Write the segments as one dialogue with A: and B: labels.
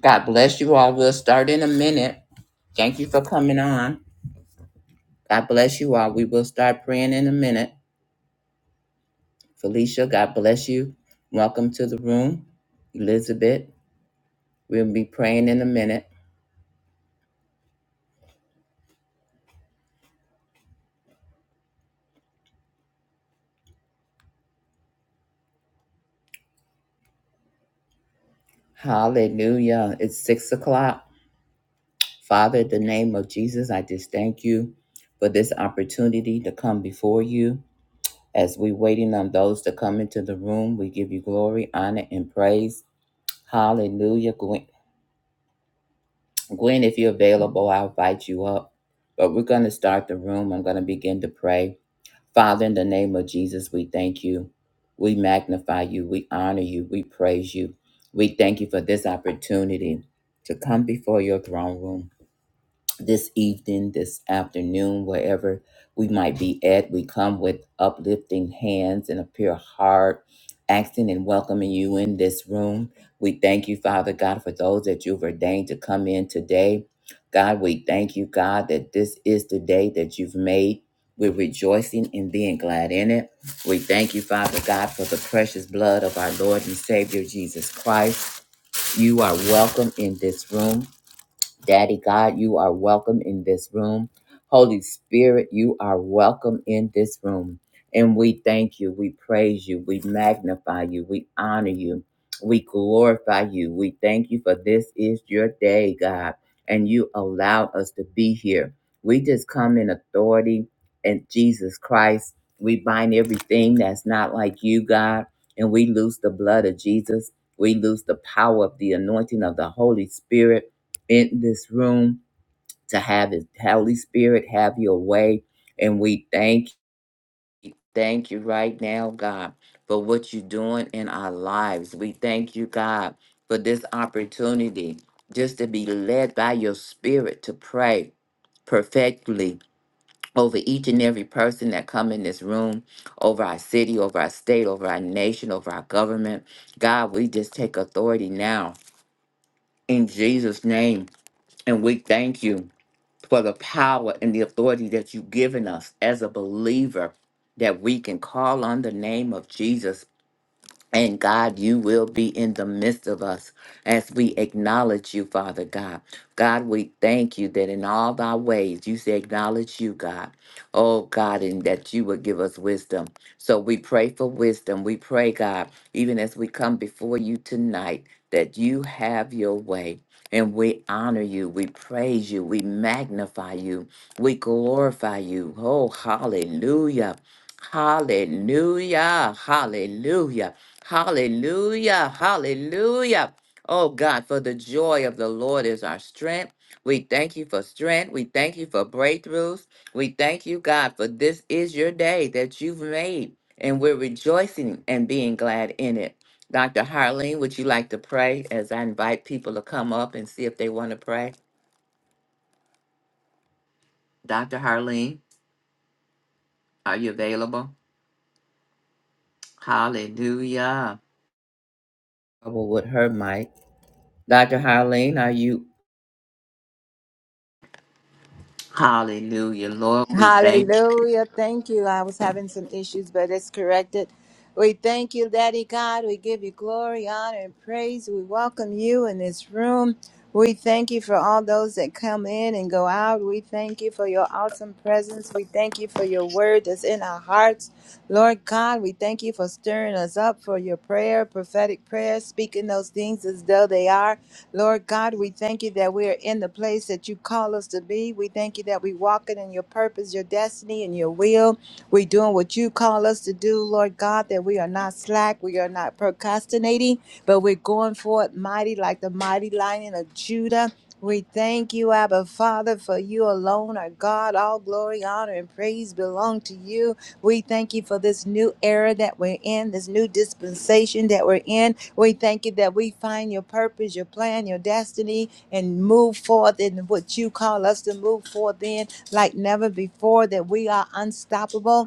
A: God bless you all. We'll start in a minute. Thank you for coming on. God bless you all. We will start praying in a minute. Felicia, God bless you. Welcome to the room. Elizabeth, we'll be praying in a minute. Hallelujah. It's six o'clock. Father, in the name of Jesus, I just thank you for this opportunity to come before you. As we waiting on those to come into the room, we give you glory, honor, and praise. Hallelujah. Gwen, if you're available, I'll invite you up. But we're going to start the room. I'm going to begin to pray. Father, in the name of Jesus, we thank you. We magnify you. We honor you. We praise you. We thank you for this opportunity to come before your throne room this evening, this afternoon, wherever we might be at. We come with uplifting hands and a pure heart, asking and welcoming you in this room. We thank you, Father God, for those that you've ordained to come in today. God, we thank you, God, that this is the day that you've made. We're rejoicing and being glad in it. We thank you, Father God, for the precious blood of our Lord and Savior Jesus Christ. You are welcome in this room. Daddy God, you are welcome in this room. Holy Spirit, you are welcome in this room. And we thank you, we praise you, we magnify you, we honor you, we glorify you. We thank you for this is your day, God, and you allowed us to be here. We just come in authority and Jesus Christ. We bind everything that's not like you, God, and we loose the blood of Jesus. We loose the power of the anointing of the Holy Spirit in this room to have His Holy Spirit, have your way. And we thank thank you right now, God, for what you're doing in our lives. We thank you, God, for this opportunity just to be led by your spirit to pray perfectly over each and every person that come in this room, over our city, over our state, over our nation, over our government. God, we just take authority now in Jesus' name. And we thank you. for the power and the authority that you've given us as a believer that we can call on the name of Jesus and God, you will be in the midst of us as we acknowledge you, Father God. God, we thank you that in all thy ways you say acknowledge you, God. Oh God, and that you would give us wisdom. So we pray for wisdom. We pray, God, even as we come before you tonight, that you have your way. And we honor you, we praise you, we magnify you, we glorify you. Oh, hallelujah! Hallelujah! Hallelujah! Hallelujah. Hallelujah. Oh God, for the joy of the Lord is our strength. We thank you for strength. We thank you for breakthroughs. We thank you, God, for this is your day that you've made, and we're rejoicing and being glad in it. Dr. Harleen, would you like to pray as I invite people to come up and see if they want to pray? Dr. Harleen, are you available? Hallelujah. Trouble with her mic. Dr. Harleen, are you Hallelujah. Lord, we thank you.
B: Hallelujah. Thank you. I was having some issues, but it's corrected. We thank you, Daddy God. We give you glory, honor, and praise. We welcome you in this room. We thank you for all those that come in and go out. We thank you for your awesome presence. We thank you for your word that's in our hearts. Lord God, we thank you for stirring us up for your prayer, prophetic prayer, speaking those things as though they are. Lord God, we thank you that we are in the place that you call us to be. We thank you that we walking in your purpose, your destiny, and your will. We're doing what you call us to do, Lord God, that we are not slack, we are not procrastinating, but we're going forth mighty like the mighty lion of Judah. We thank you, Abba Father, for you alone are God. All glory, honor, and praise belong to you. We thank you for this new era that we're in, this new dispensation that we're in. We thank you that we find your purpose, your plan, your destiny, and move forth in what you call us to move forth in like never before, that we are unstoppable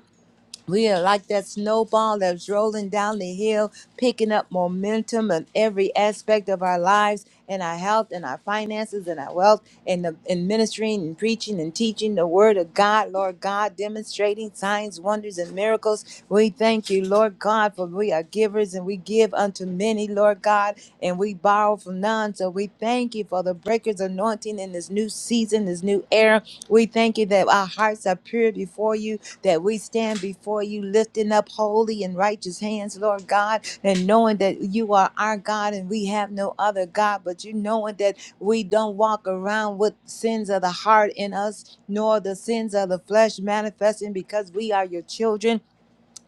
B: we are like that snowball that's rolling down the hill, picking up momentum in every aspect of our lives, in our health, in our finances, in our wealth, in, the, in ministering and preaching and teaching the word of God, Lord God, demonstrating signs, wonders, and miracles. We thank you, Lord God, for we are givers and we give unto many, Lord God, and we borrow from none. So we thank you for the breakers anointing in this new season, this new era. We thank you that our hearts are pure before you that we stand before you lifting up holy and righteous hands, Lord God, and knowing that you are our God and we have no other God, but you knowing that we don't walk around with sins of the heart in us, nor the sins of the flesh manifesting because we are your children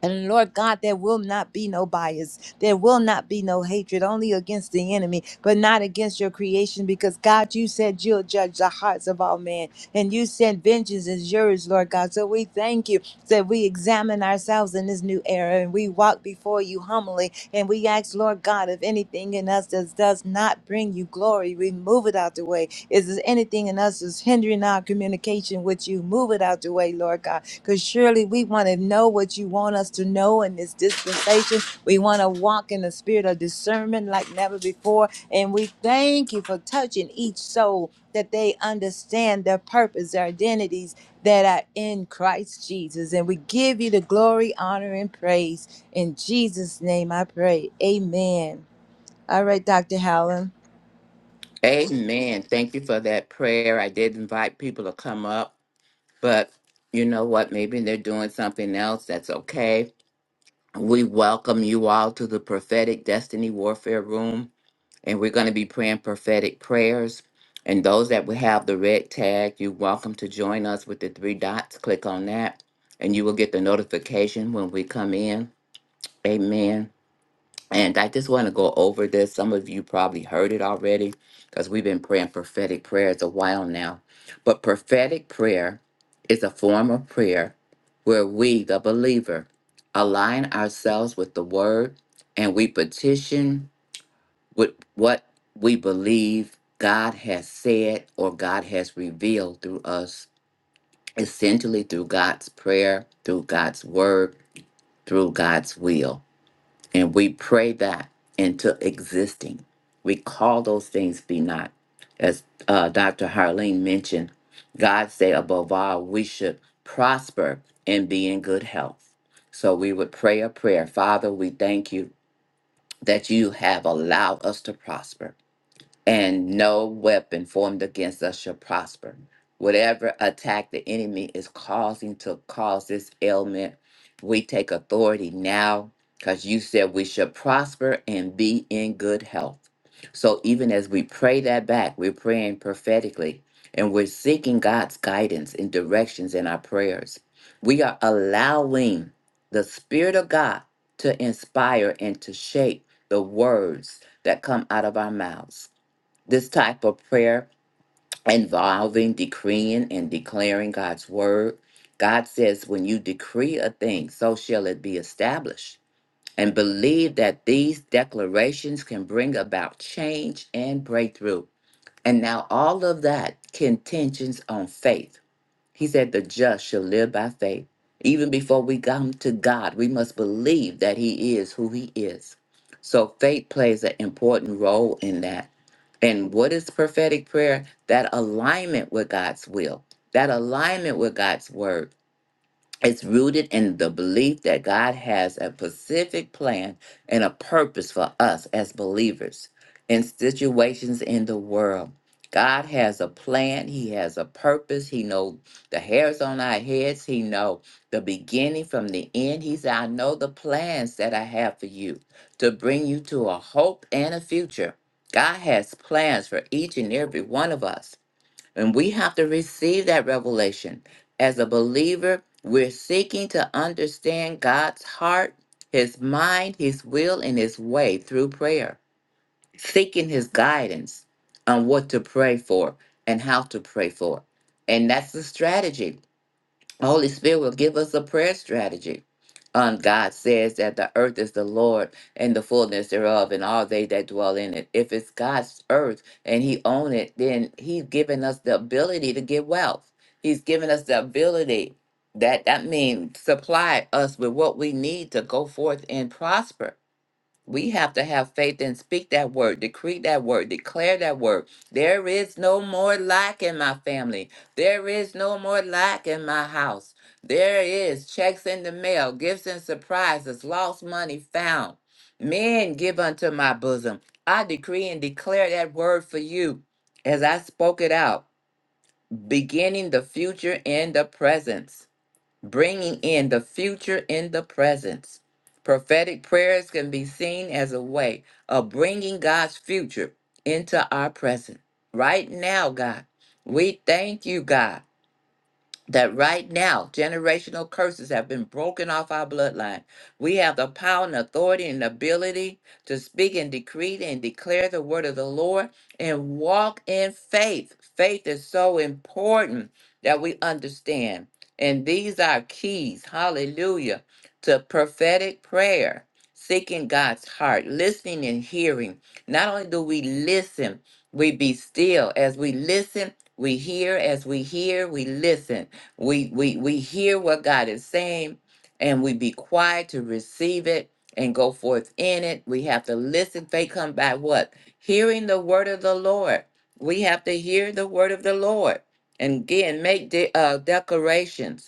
B: and Lord God, there will not be no bias. There will not be no hatred, only against the enemy, but not against your creation, because God, you said you'll judge the hearts of all men. And you said vengeance is yours, Lord God. So we thank you that we examine ourselves in this new era and we walk before you humbly. And we ask, Lord God, if anything in us that does not bring you glory, remove it out the way. Is there anything in us that's hindering our communication with you? Move it out the way, Lord God. Because surely we want to know what you want us to know in this dispensation. We want to walk in the spirit of discernment like never before. And we thank you for touching each soul that they understand their purpose, their identities that are in Christ Jesus. And we give you the glory, honor, and praise. In Jesus' name I pray. Amen. All right, Dr. Howland.
A: Amen. Thank you for that prayer. I did invite people to come up, but you know what? Maybe they're doing something else. That's okay. We welcome you all to the prophetic destiny warfare room, and we're going to be praying prophetic prayers. And those that will have the red tag, you're welcome to join us with the three dots. Click on that, and you will get the notification when we come in. Amen. And I just want to go over this. Some of you probably heard it already because we've been praying prophetic prayers a while now. But prophetic prayer is a form of prayer where we, the believer, align ourselves with the word and we petition with what we believe God has said or God has revealed through us, essentially through God's prayer, through God's word, through God's will. And we pray that into existing. We call those things be not. As uh, Dr. Harleen mentioned, God said above all, we should prosper and be in good health. So we would pray a prayer. Father, we thank you that you have allowed us to prosper and no weapon formed against us shall prosper. Whatever attack the enemy is causing to cause this ailment, we take authority now because you said we should prosper and be in good health. So even as we pray that back, we're praying prophetically and we're seeking God's guidance and directions in our prayers. We are allowing the Spirit of God to inspire and to shape the words that come out of our mouths this type of prayer involving decreeing and declaring God's word. God says, when you decree a thing, so shall it be established. And believe that these declarations can bring about change and breakthrough. And now, all of that contingents on faith. He said, The just shall live by faith. Even before we come to God, we must believe that He is who He is. So faith plays an important role in that. And what is prophetic prayer? That alignment with God's will, that alignment with God's word it's rooted in the belief that God has a specific plan and a purpose for us as believers in situations in the world. God has a plan, he has a purpose. He knows the hairs on our heads, he knows the beginning from the end. He said, "I know the plans that I have for you to bring you to a hope and a future." God has plans for each and every one of us. And we have to receive that revelation. As a believer, we're seeking to understand God's heart, His mind, His will, and His way through prayer, seeking His guidance on what to pray for and how to pray for. And that's the strategy. Holy Spirit will give us a prayer strategy. Um, God says that the earth is the Lord and the fullness thereof, and all they that dwell in it. If it's God's earth and He own it, then He's given us the ability to get wealth. He's given us the ability that that means supply us with what we need to go forth and prosper. We have to have faith and speak that word, decree that word, declare that word. There is no more lack in my family. There is no more lack in my house. There is checks in the mail, gifts and surprises, lost money found. Men give unto my bosom. I decree and declare that word for you as I spoke it out, beginning the future in the presence bringing in the future in the presence. Prophetic prayers can be seen as a way of bringing God's future into our present. Right now, God, we thank you, God that right now generational curses have been broken off our bloodline. We have the power and authority and ability to speak and decree and declare the word of the Lord and walk in faith. Faith is so important that we understand. And these are keys, hallelujah, to prophetic prayer, seeking God's heart, listening and hearing. Not only do we listen, we be still. As we listen, we hear. As we hear, we listen we we we hear what God is saying and we be quiet to receive it and go forth in it. We have to listen. Faith come by what? Hearing the word of the Lord. We have to hear the word of the Lord. And again, make de- uh, declarations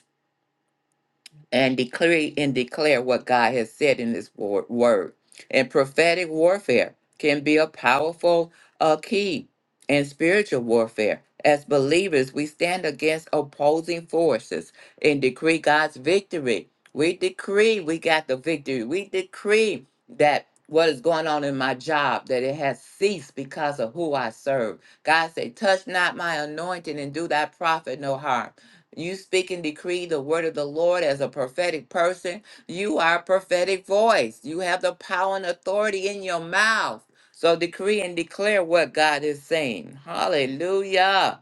A: and declare and declare what God has said in His wor- word. And prophetic warfare can be a powerful uh, key in spiritual warfare. As believers, we stand against opposing forces and decree God's victory. We decree we got the victory. We decree that what is going on in my job that it has ceased because of who I serve. God said, "Touch not my anointing and do thy prophet no harm." You speak and decree the word of the Lord as a prophetic person. You are a prophetic voice. You have the power and authority in your mouth. So decree and declare what God is saying. Hallelujah.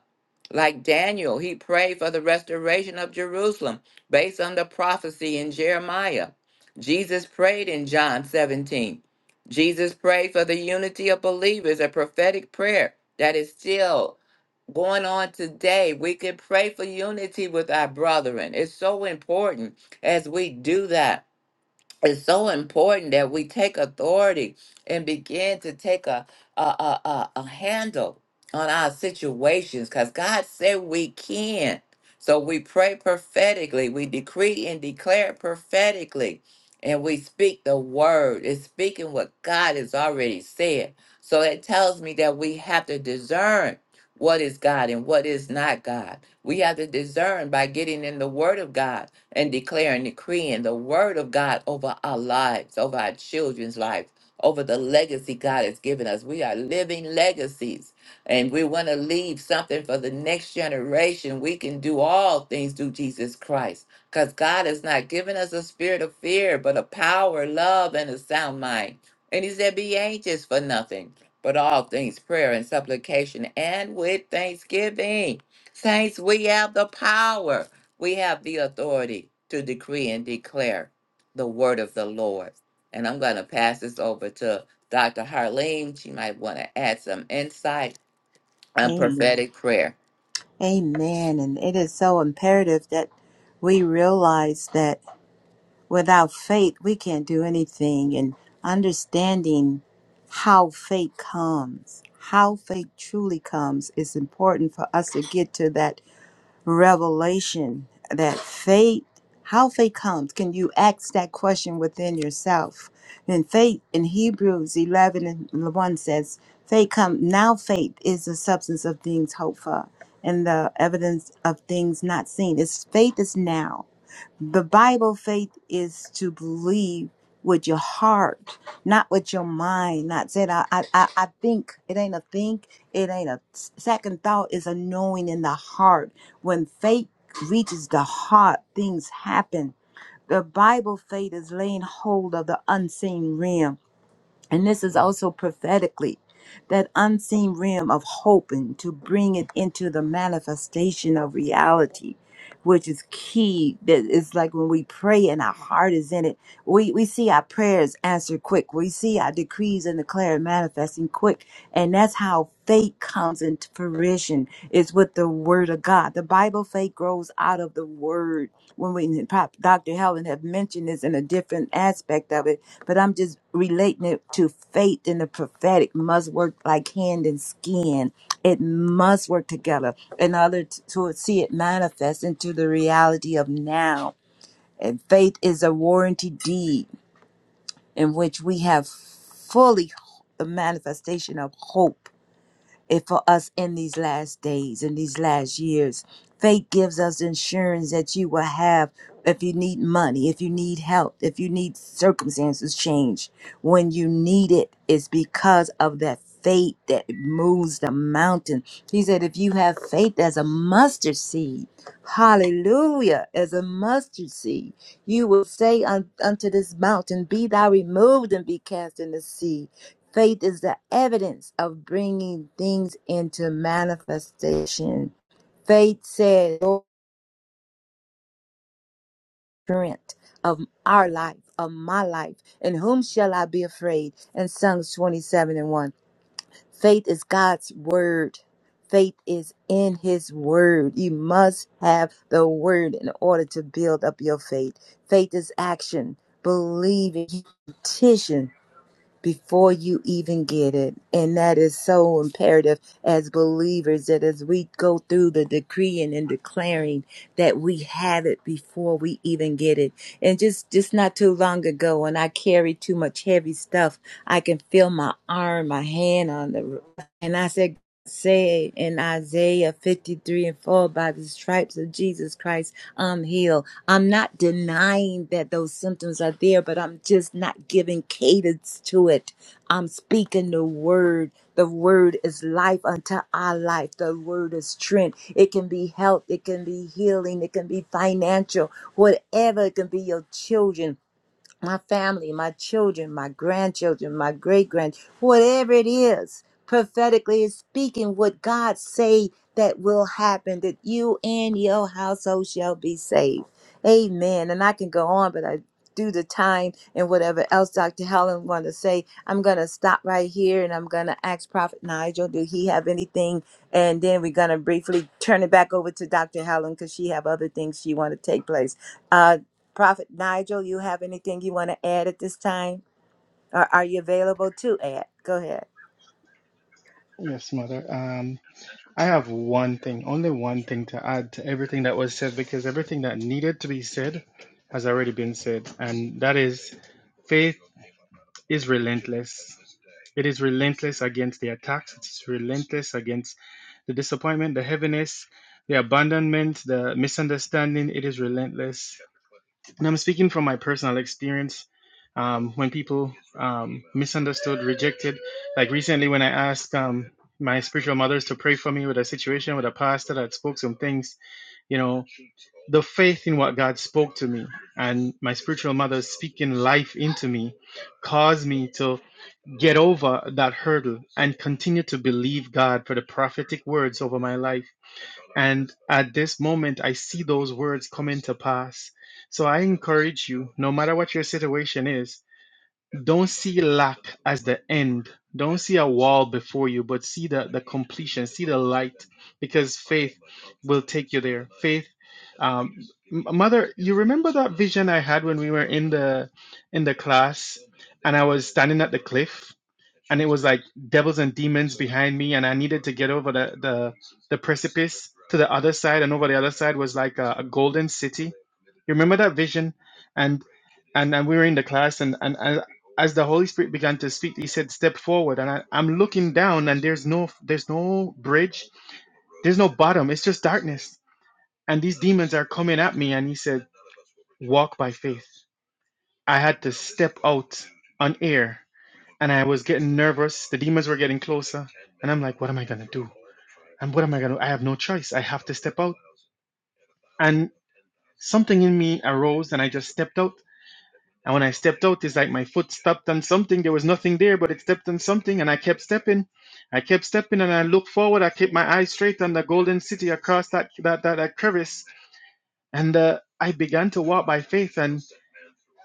A: Like Daniel, he prayed for the restoration of Jerusalem based on the prophecy in Jeremiah. Jesus prayed in John 17. Jesus prayed for the unity of believers, a prophetic prayer that is still going on today. We can pray for unity with our brethren. It's so important as we do that it's so important that we take authority and begin to take a a a, a, a handle on our situations because god said we can so we pray prophetically we decree and declare prophetically and we speak the word it's speaking what god has already said so that tells me that we have to discern what is god and what is not god we have to discern by getting in the word of god and declare and decreeing the word of God over our lives, over our children's lives, over the legacy God has given us. We are living legacies and we want to leave something for the next generation. We can do all things through Jesus Christ because God has not given us a spirit of fear, but a power, love, and a sound mind. And He said, Be anxious for nothing, but all things prayer and supplication and with thanksgiving. Saints, we have the power. We have the authority to decree and declare the word of the Lord. And I'm going to pass this over to Dr. Harleen. She might want to add some insight and
B: Amen.
A: prophetic prayer.
B: Amen. And it is so imperative that we realize that. Without faith, we can't do anything. And understanding how faith comes, how faith truly comes, is important for us to get to that revelation that faith, how faith comes. Can you ask that question within yourself? And faith in Hebrews 11 and 1 says, Faith come now. Faith is the substance of things hoped for, and the evidence of things not seen. It's faith is now the Bible faith is to believe with your heart, not with your mind. Not said I, I, I I think. It ain't a think. It ain't a second thought. It's a knowing in the heart. When faith reaches the heart, things happen. The Bible faith is laying hold of the unseen realm and this is also prophetically that unseen realm of hope and to bring it into the manifestation of reality, which is key. That it's like when we pray and our heart is in it, we we see our prayers answered quick. We see our decrees and declared manifesting quick. And that's how faith comes into fruition is with the word of God. The Bible faith grows out of the word. When we Dr. Helen have mentioned this in a different aspect of it, but I'm just relating it to faith and the prophetic must work like hand and skin. It must work together in order t- to see it manifest into the reality of now. And faith is a warranty deed in which we have fully the manifestation of hope if for us in these last days in these last years faith gives us insurance that you will have if you need money if you need help if you need circumstances change when you need it it's because of that faith that moves the mountain he said if you have faith as a mustard seed Hallelujah. As a mustard seed, you will say un- unto this mountain, Be thou removed and be cast in the sea. Faith is the evidence of bringing things into manifestation. Faith said, Lord, strength of our life, of my life, in whom shall I be afraid? And Psalms 27 and 1. Faith is God's word. Faith is in his word. You must have the word in order to build up your faith. Faith is action, believing, petition before you even get it. And that is so imperative as believers that as we go through the decreeing and declaring that we have it before we even get it. And just, just not too long ago when I carried too much heavy stuff, I can feel my arm, my hand on the, and I said, said in Isaiah 53 and 4, by the stripes of Jesus Christ, I'm healed. I'm not denying that those symptoms are there, but I'm just not giving cadence to it. I'm speaking the word. The word is life unto our life. The word is strength. It can be health. It can be healing. It can be financial. Whatever. It can be your children my family, my children, my grandchildren, my great grand, whatever it is, prophetically is speaking what God say that will happen, that you and your household shall be saved. Amen. And I can go on, but I do the time and whatever else Dr. Helen want to say. I'm gonna stop right here and I'm gonna ask Prophet Nigel, do he have anything? And then we're gonna briefly turn it back over to Dr. Helen because she have other things she want to take place. Uh, Prophet Nigel, you have anything you want to add at this time? Or are you available to add? Go ahead.
C: Yes, Mother. Um, I have one thing, only one thing to add to everything that was said because everything that needed to be said has already been said, and that is faith is relentless. It is relentless against the attacks, it's relentless against the disappointment, the heaviness, the abandonment, the misunderstanding. It is relentless. And I'm speaking from my personal experience um, when people um, misunderstood, rejected. Like recently, when I asked um, my spiritual mothers to pray for me with a situation with a pastor that spoke some things, you know, the faith in what God spoke to me and my spiritual mother speaking life into me caused me to get over that hurdle and continue to believe God for the prophetic words over my life and at this moment, I see those words coming to pass. So I encourage you, no matter what your situation is, don't see lack as the end. Don't see a wall before you, but see the, the completion, see the light, because faith will take you there. Faith. Um, M- mother you remember that vision i had when we were in the in the class and i was standing at the cliff and it was like devils and demons behind me and i needed to get over the the, the precipice to the other side and over the other side was like a, a golden city you remember that vision and and and we were in the class and and, and as the holy spirit began to speak he said step forward and I, i'm looking down and there's no there's no bridge there's no bottom it's just darkness and these demons are coming at me and he said walk by faith i had to step out on air and I was getting nervous. The demons were getting closer, and I'm like, what am I gonna do? And what am I gonna? I have no choice. I have to step out. And something in me arose, and I just stepped out. And when I stepped out, it's like my foot stepped on something. There was nothing there, but it stepped on something, and I kept stepping. I kept stepping, and I looked forward. I kept my eyes straight on the golden city across that that that, that crevice, and uh, I began to walk by faith. And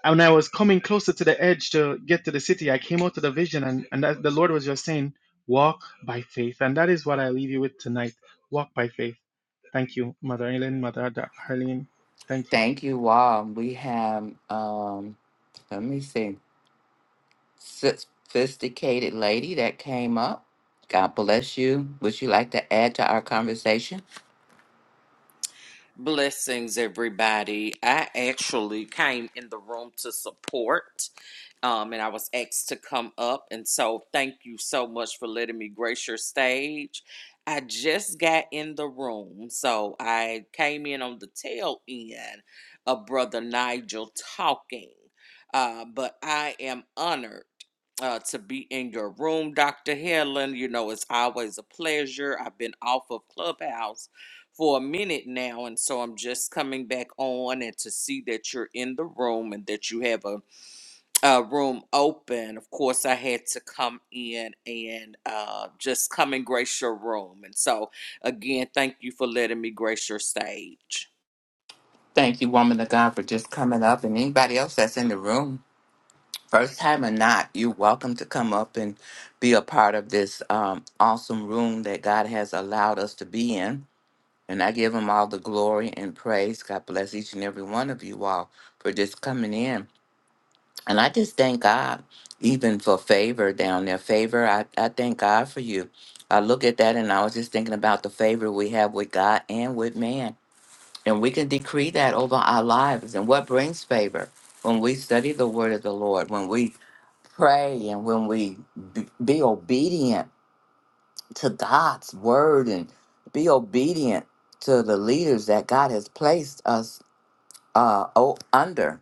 C: And when I was coming closer to the edge to get to the city, I came out to the vision, and, and that, the Lord was just saying, Walk by faith. And that is what I leave you with tonight. Walk by faith. Thank you, Mother Ellen, Mother Harleen. Thank you.
A: Thank you all. We have, um, let me see, sophisticated lady that came up. God bless you. Would you like to add to our conversation?
D: Blessings, everybody. I actually came in the room to support, um, and I was asked to come up. And so, thank you so much for letting me grace your stage. I just got in the room, so I came in on the tail end of Brother Nigel talking. Uh, but I am honored uh, to be in your room, Dr. Helen. You know, it's always a pleasure. I've been off of Clubhouse for a minute now, and so I'm just coming back on and to see that you're in the room and that you have a, a room open. Of course, I had to come in and uh, just come and grace your room. And so, again, thank you for letting me grace your stage.
A: Thank you, woman of God, for just coming up and anybody else that's in the room. first time or not, you're welcome to come up and be a part of this um, awesome room that God has allowed us to be in. And I give him all the glory and praise. God bless each and every one of you all for just coming in. And I just thank God even for favor down there. Favor, I, I thank God for you. I look at that and I was just thinking about the favor we have with God and with man. And we can decree that over our lives. And what brings favor? When we study the word of the Lord, when we pray, and when we be, be obedient to God's word and be obedient to the leaders that God has placed us uh, o- under.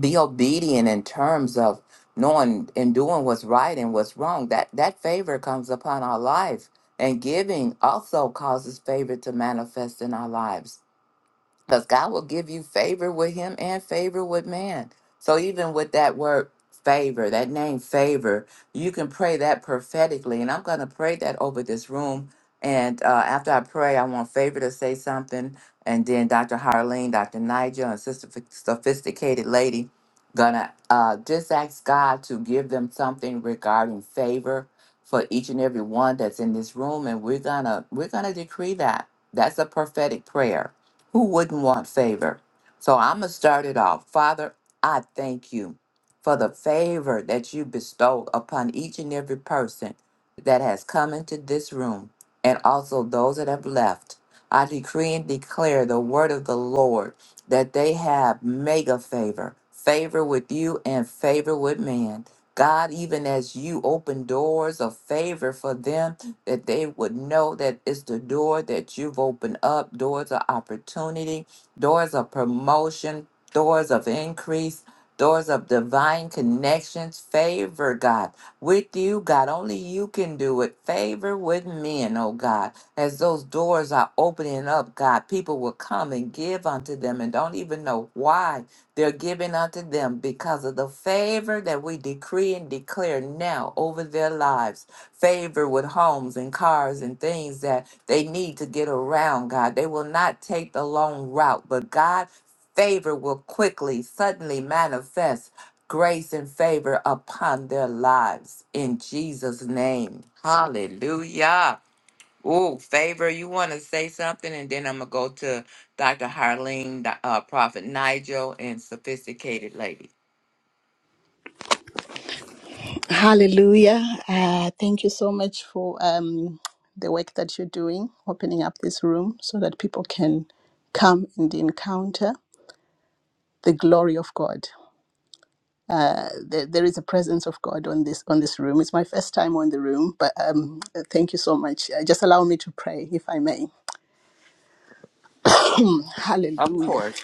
A: Be obedient in terms of knowing and doing what's right and what's wrong. That that favor comes upon our life. And giving also causes favor to manifest in our lives because God will give you favor with him and favor with man. So even with that word favor, that name favor, you can pray that prophetically. And I'm going to pray that over this room. And uh, after I pray, I want favor to say something. And then Dr. Harleen, Dr. Nigel, and Sister Ph- Sophisticated Lady gonna uh, just ask God to give them something regarding favor for each and every one that's in this room. And we're gonna we're gonna decree that. That's a prophetic prayer who wouldn't want favor? So I'm going to start it off. Father, I thank you for the favor that you bestowed upon each and every person that has come into this room and also those that have left. I decree and declare the word of the Lord that they have mega favor, favor with you and favor with man. God, even as you open doors of favor for them that they would know that it's the door that you've opened up, doors of opportunity, doors of promotion, doors of increase, doors of divine connections, favor, God, with you, God. Only you can do it. Favor with men, oh God. As those doors are opening up, God, people will come and give unto them and don't even know why they're giving unto them because of the favor that we decree and declare now over their lives favor with homes and cars and things that they need to get around, God. They will not take the long route, but God, favor will quickly, suddenly manifest grace and favor upon their lives in Jesus' name. Hallelujah. Ooh, favor, you want to say something? And then I'm going to go to Dr. Harleen, Doc- uh, Prophet Nigel, and Sophisticated Lady.
E: Hallelujah. Uh, thank you so much for um, the work that you're doing, opening up this room so that people can come and encounter the glory of God. Uh, there, there is a presence of God on this on this room. It's my first time on the room, but um, thank you so much. Uh, just allow me to pray, if I may.
A: Of
E: Hallelujah.
A: course.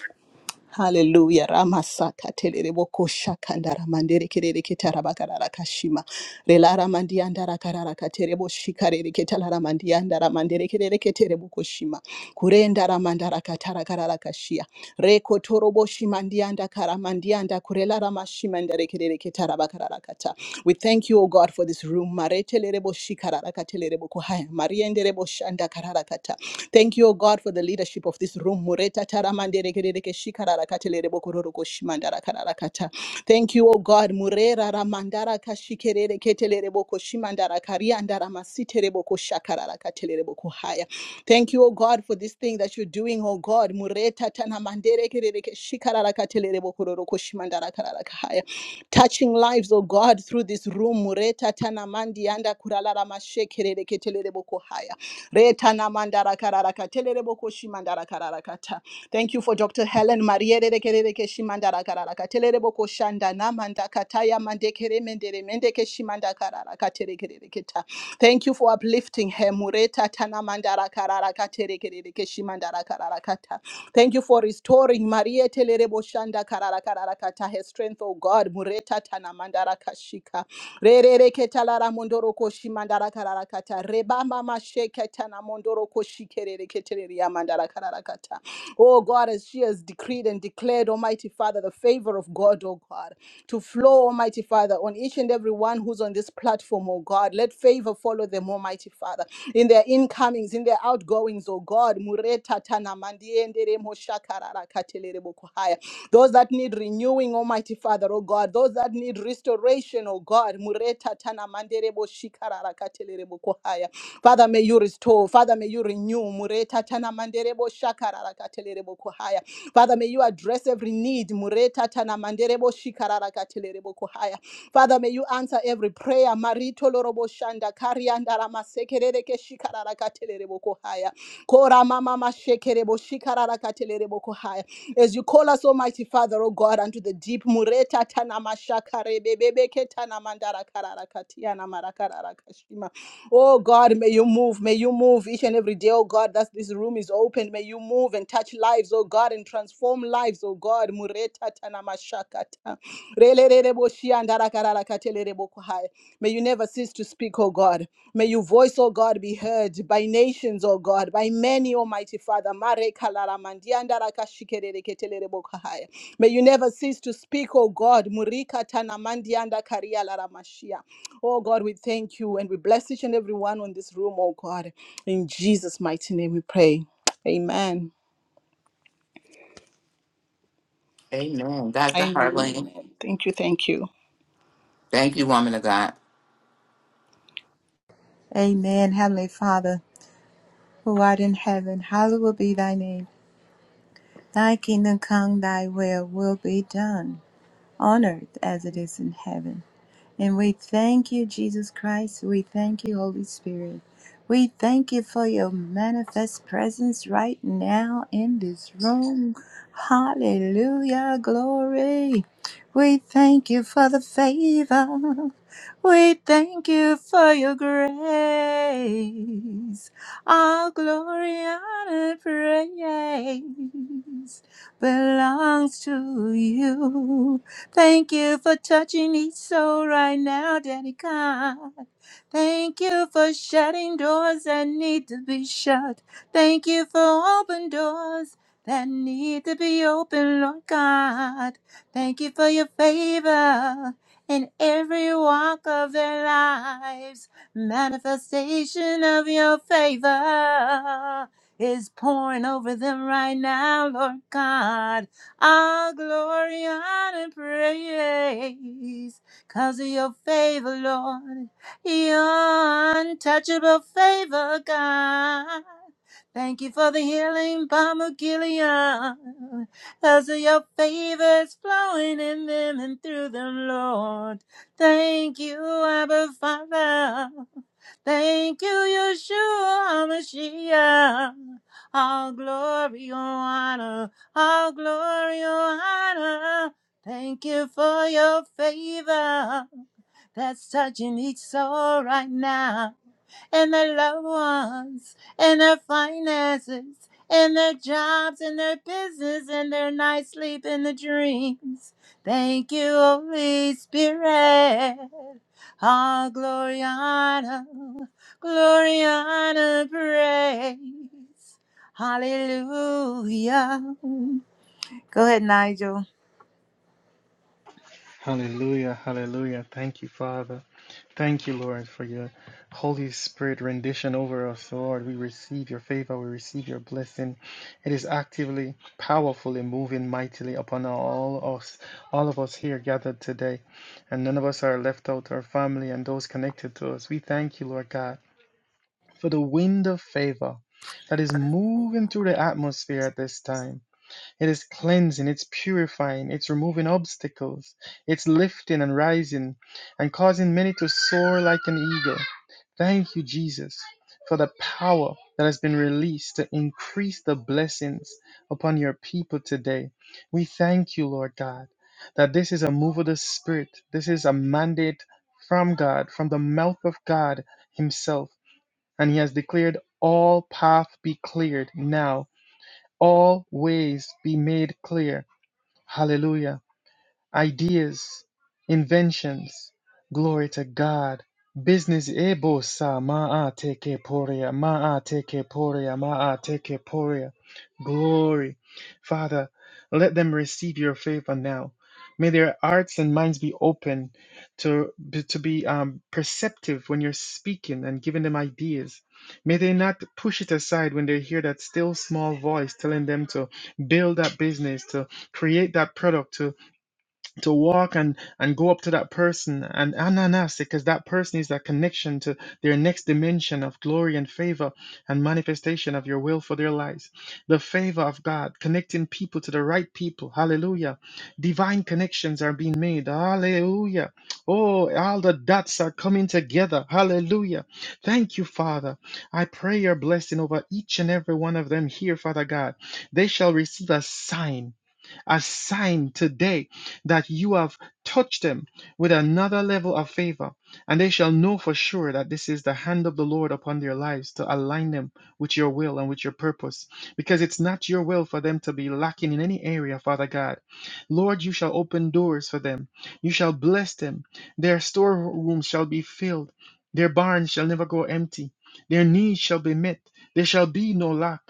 E: Hallelujah. Ramasaka terereboko shakandara mandere kerere ketara bakarara kashima. Relara mandiandara karara katerebo shikarere ketalara mandiandara mandere kerere ketereboko shima. Kurendara mandara katara karara kashia. Reko torobo shimandianda kara mandianda kurelara mashimandere kerere ketara bakarara kata. We thank you, O God, for this room. Maretelerebo shikararakatelerebo kuhaya. Marienderebo shandakararakata. Thank you, O God, for the leadership of this room. Mureta taramanderekerereke shikararakatelerebo kororoko shimandarakarakata. Thank you, O God. Murera ramandara kashikerere ketelerebo koshimandara kariandara masiterebo koshakararakatelerebo kuhaya. Thank you, O God, for this thing that you're doing, O God. Mureta tanamanderekerereke shikararakatelerebo kororoko shimandarakarakahaya touching lives, oh God, through this room. Mureta tanamandi anda kuralala mashekerere ketelere boko haya. Reta namandara karara katelere boko shimandara karara kata. Thank you for Dr. Helen Maria kerere keshimandara karara katelere boko shanda namanda kataya mandekere mendere mendeke shimanda karara katere kerere keta. Thank you for uplifting her. Mureta tanamandara karara katere kerere keshimandara karara kata. Thank you for restoring Maria Telerebo Shanda Karara Karara Kata, her strength, oh God. Mureta Tana Mandara Kashika. Rerere Ketalara Mondoro Koshi Mandara Karara Kata. Reba Mama Sheketana Mondoro Koshi Kerere Ketereria Mandara Karara Kata. Oh God, as she has decreed and declared, Almighty Father, the favor of God, oh God, to flow, Almighty Father, on each and every one who's on this platform, oh God. Let favor follow them, Almighty Father, in their incomings, in their outgoings, oh God. Mureta those that need renewing, Almighty Father, oh God. Those that need restoration, oh God. Mureta tana mandere shikarara katelere bokuhaya. Father, may you restore. Father, may you renew. Mureta tana mandere shakarara katelere bokuhaya. Father, may you address every need. Mureta tana mandere shikarara katelere bokuhaya. Father, may you answer every every prayer. Marito lorobo shanda karianda rama sekerere ke shikarara katelere boko haya. Kora mama mashekere bo shikarara katelere boko haya. As you call us, Almighty Father, O God, unto the deep mureta tana mashakare bebebe ke tana mandara karara katiana marakarara kashima. Oh God, may you move, may you move each and every day, oh God, that this room is open. May you move and touch lives, oh God, and transform lives, oh God. Mureta tanamashakata. Relerereboshi andarakarakatelerebokuhai. May you never cease to speak, oh God. May your voice, oh God, be heard by nations, oh God, by many, Almighty Father. Marekalalamandi andarakashikerereketelebokuhai. May you never cease to speak, oh God. Murika tanamandi andakariyalaramashia. Oh God, we thank you and we bless each and every one on this room, oh God. In Jesus' mighty name we pray. Amen.
A: Amen. Dr.
E: Amen.
A: Harleen.
E: Amen. Thank you. Thank you.
A: Thank you, woman of God.
B: Amen. Heavenly Father, who art in heaven, hallowed be thy name. Thy kingdom come, thy will will be done on earth as it is in heaven. And we thank you, Jesus Christ. We thank you, Holy Spirit. We thank you for your manifest presence right now in this room. Hallelujah. Glory. We thank you for the favor. We thank you for your grace. All glory, honor, praise belongs to you. Thank you for touching each soul right now, Daddy God. Thank you for shutting doors that need to be shut. Thank you for open doors that need to be open, Lord God. Thank you for your favor in every walk of their lives. Manifestation of your favor is pouring over them right now, Lord God all glory, honor, and praise. Cause of your favor, Lord, your untouchable favor, God. Thank you for the healing balm of Gilead. Cause of your favor is flowing in them and through them, Lord. Thank you, Abba Father. Thank you, Yeshua HaMashiach. All glory, all honor all glory, all honor. Thank you for your favor that's touching each soul right now, and their loved ones, and their finances, and their jobs, and their business, and their night sleep, and the dreams. Thank you, Holy Spirit. All glory, honor, glory, honor, praise. Hallelujah. Go ahead, Nigel.
C: Hallelujah, hallelujah. Thank you, Father. Thank you, Lord, for your Holy Spirit rendition over us, Lord. We receive your favor, we receive your blessing. It is actively, powerfully moving mightily upon all us, all of us here gathered today. And none of us are left out, our family and those connected to us. We thank you, Lord God, for the wind of favor that is moving through the atmosphere at this time. It is cleansing, it's purifying, it's removing obstacles, it's lifting and rising and causing many to soar like an eagle. Thank you, Jesus, for the power that has been released to increase the blessings upon your people today. We thank you, Lord God, that this is a move of the Spirit. This is a mandate from God, from the mouth of God Himself. And He has declared all path be cleared now, all ways be made clear Hallelujah ideas, inventions. Glory to God. Business ebosa maateke poria, maateke poria, maateke poria. Glory. Father, let them receive your favor now. May their hearts and minds be open to, to be um, perceptive when you're speaking and giving them ideas. May they not push it aside when they hear that still small voice telling them to build that business, to create that product, to walk and and go up to that person and ananas because that person is that connection to their next dimension of glory and favor and manifestation of your will for their lives the favor of god connecting people to the right people hallelujah divine connections are being made hallelujah oh all the dots are coming together hallelujah thank you father i pray your blessing over each and every one of them here father god they shall receive a sign a sign today that you have touched them with another level of favor, and they shall know for sure that this is the hand of the Lord upon their lives to align them with your will and with your purpose, because it's not your will for them to be lacking in any area, Father God. Lord, you shall open doors for them, you shall bless them, their storerooms shall be filled, their barns shall never go empty, their needs shall be met, there shall be no lack.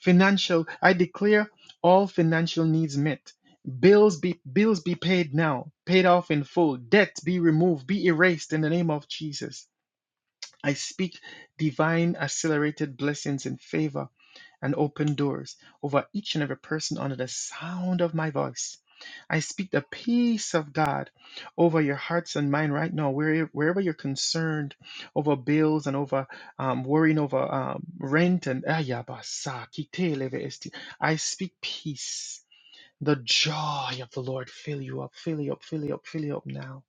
C: Financial, I declare all financial needs met, bills be bills be paid now, paid off in full, debt be removed, be erased in the name of Jesus. I speak divine accelerated blessings in favor and open doors over each and every person under the sound of my voice. I speak the peace of God over your hearts and mind right now, where, wherever you're concerned over bills and over um, worrying over um, rent and ayabasa, kiteleve esti. I speak peace the joy of the Lord fill you up, fill you up, fill you up, fill you up now.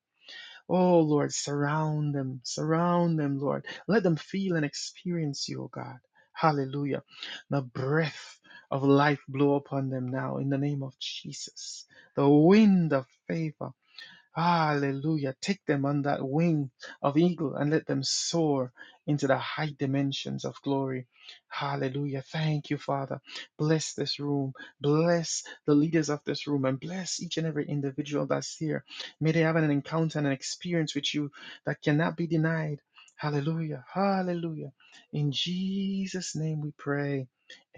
C: Oh Lord, surround them, surround them, Lord. Let them feel and experience you, O God. Hallelujah. The breath of life blow upon them now in the name of Jesus. The wind of favor. Hallelujah. Take them on that wing of eagle and let them soar into the high dimensions of glory. Hallelujah. Thank you, Father. Bless this room. Bless the leaders of this room and bless each and every individual that's here. May they have an encounter and an experience with you that cannot be denied. Hallelujah. Hallelujah. In Jesus' name we pray.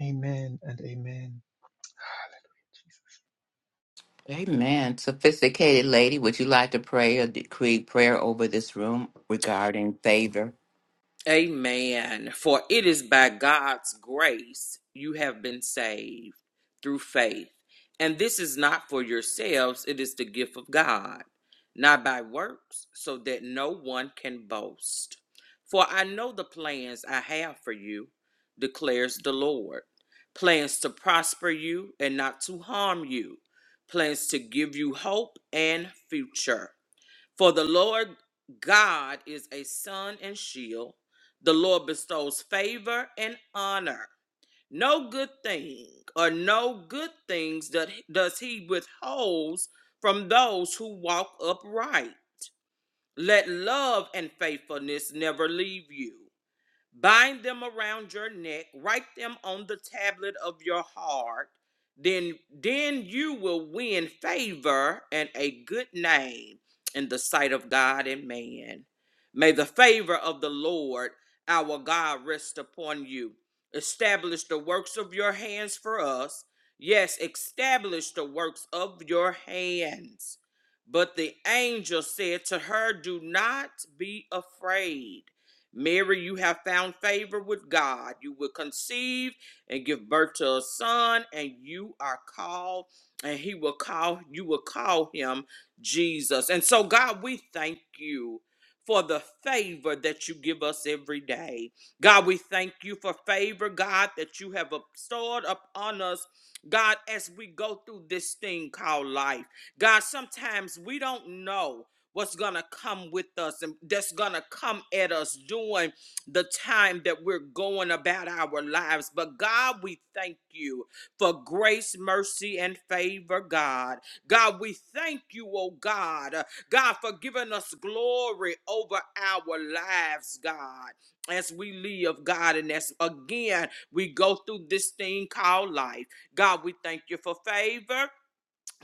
C: Amen and amen. Hallelujah.
A: Amen. Sophisticated lady, would you like to pray a decree prayer over this room regarding favor?
D: Amen. For it is by God's grace you have been saved through faith. And this is not for yourselves, it is the gift of God, not by works, so that no one can boast. For I know the plans I have for you, declares the Lord plans to prosper you and not to harm you, plans to give you hope and future. For the Lord God is a sun and shield. The Lord bestows favor and honor. No good thing or no good things that does he withholds from those who walk upright. Let love and faithfulness never leave you. Bind them around your neck, write them on the tablet of your heart. Then, then you will win favor and a good name in the sight of God and man. May the favor of the Lord our God rest upon you. Establish the works of your hands for us. Yes, establish the works of your hands. But the angel said to her, Do not be afraid. Mary, you have found favor with God. You will conceive and give birth to a son, and you are called, and he will call, you will call him Jesus. And so, God, we thank you for the favor that you give us every day. God, we thank you for favor, God, that you have bestowed upon us, God, as we go through this thing called life. God, sometimes we don't know what's gonna come with us and that's gonna come at us during the time that we're going about our lives. But God, we thank you for grace, mercy, and favor, God. God, we thank you, oh God, uh, God, for giving us glory over our lives, God, as we live, God, and as again we go through this thing called life. God, we thank you for favor.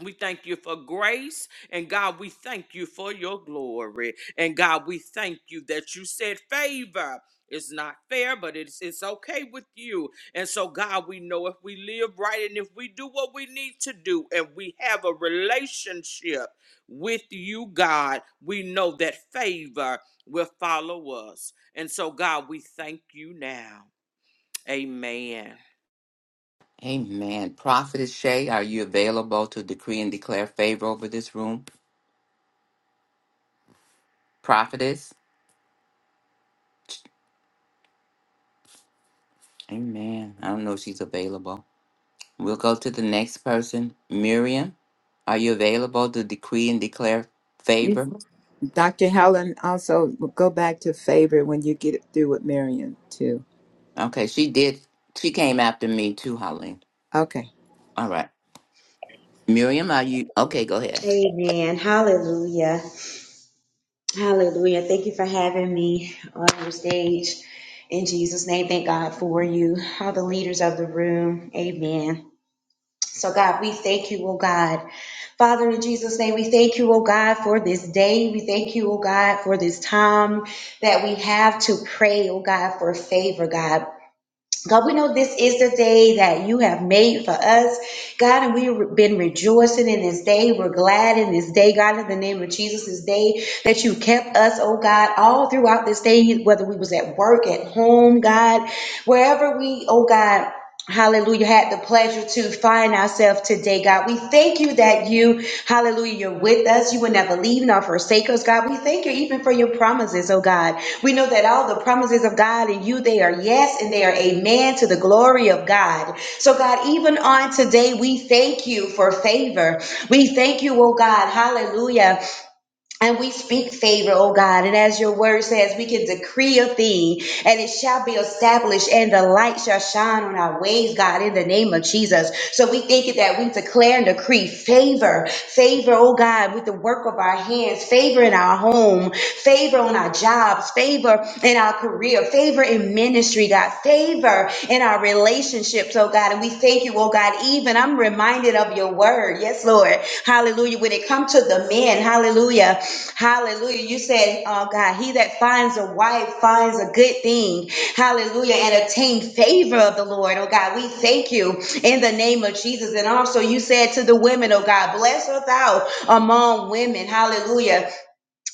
D: We thank you for grace, and God, we thank you for your glory. And God, we thank you that you said favor. is not fair, but it's it's okay with you. And so, God, we know if we live right and if we do what we need to do, and we have a relationship with you, God, we know that favor will follow us. And so, God, we thank you now. Amen.
A: Amen. Prophetess Shay, are you available to decree and declare favor over this room? Prophetess? Amen. I don't know if she's available. We'll go to the next person. Miriam, are you available to decree and declare
B: You,
A: favor?
B: Dr. Helen, also go back to favor when you get through with Marion too.
A: Okay, she did. She came after me too, Holly.
B: Okay.
A: All right. Miriam, are you? Okay, go ahead.
F: Amen. Hallelujah. Hallelujah. Thank you for having me on your stage. In Jesus' name, thank God for you, all the leaders of the room. Amen. So, God, we thank you, oh God. Father, in Jesus' name, we thank you, oh God, for this day. We thank you, oh God, for this time that we have to pray, oh God, for favor, God. God, we know this is the day that you have made for us, God, and we've been rejoicing in this day. We're glad in this day, God, in the name of Jesus, this day that you kept us, oh God, all throughout this day, whether we was at work, at home, God, wherever we, oh God, Hallelujah. Had the pleasure to find ourselves today, God. We thank you that you, hallelujah, you're with us. You will never leave nor forsake us, God. We thank you even for your promises, oh God. We know that all the promises of God and you, they are yes and they are amen to the glory of God. So, God, even on today, we thank you for favor. We thank you, oh God, hallelujah. And we speak favor, oh God. And as your word says, we can decree a thing and it shall be established and the light shall shine on our ways, God, in the name of Jesus. So we thank you that we declare and decree favor, favor, oh God, with the work of our hands, favor in our home, favor on our jobs, favor in our career, favor in ministry, God, favor in our relationships relationships, oh God. And we thank you, oh God. Even I'm reminded of your word. Yes, Lord. Hallelujah. When it comes to the men, hallelujah. Hallelujah. You said, oh God, he that finds a wife finds a good thing. Hallelujah. And obtain favor of the Lord, oh God. We thank you in the name of Jesus. And also you said to the women, oh God, bless her thou among women. Hallelujah.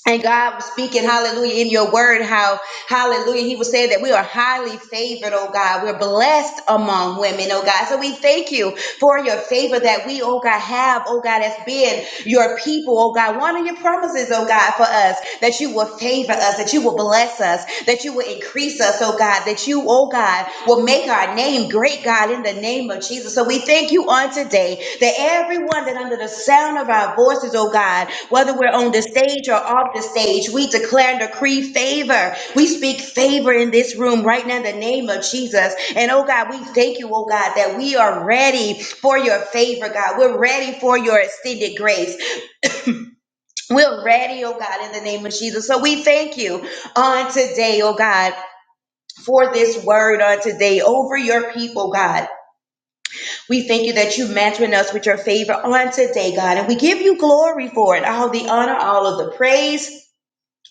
F: And God was speaking, hallelujah, in your word, how, hallelujah, He was saying that we are highly favored, oh God. We're blessed among women, oh God. So we thank you for your favor that we, oh God, have, oh God, as being your people, oh God. One of your promises, oh God, for us, that you will favor us, that you will bless us, that you will increase us, oh God, that you, oh God, will make our name great, God, in the the name of Jesus. So we thank you on today that everyone that under the sound of our voices, oh God, whether we're on the stage or off the stage, we declare and decree favor. We speak favor in this room right now in the name of Jesus. And oh God, we thank you, oh God, that we are ready for your favor, God. We're ready for your extended grace. We're ready, oh God, in the name of Jesus. So we thank you on today, oh God for this word on today over your people, God. We thank you that you mentoring us with your favor on today, God, and we give you glory for it, all the honor, all of the praise.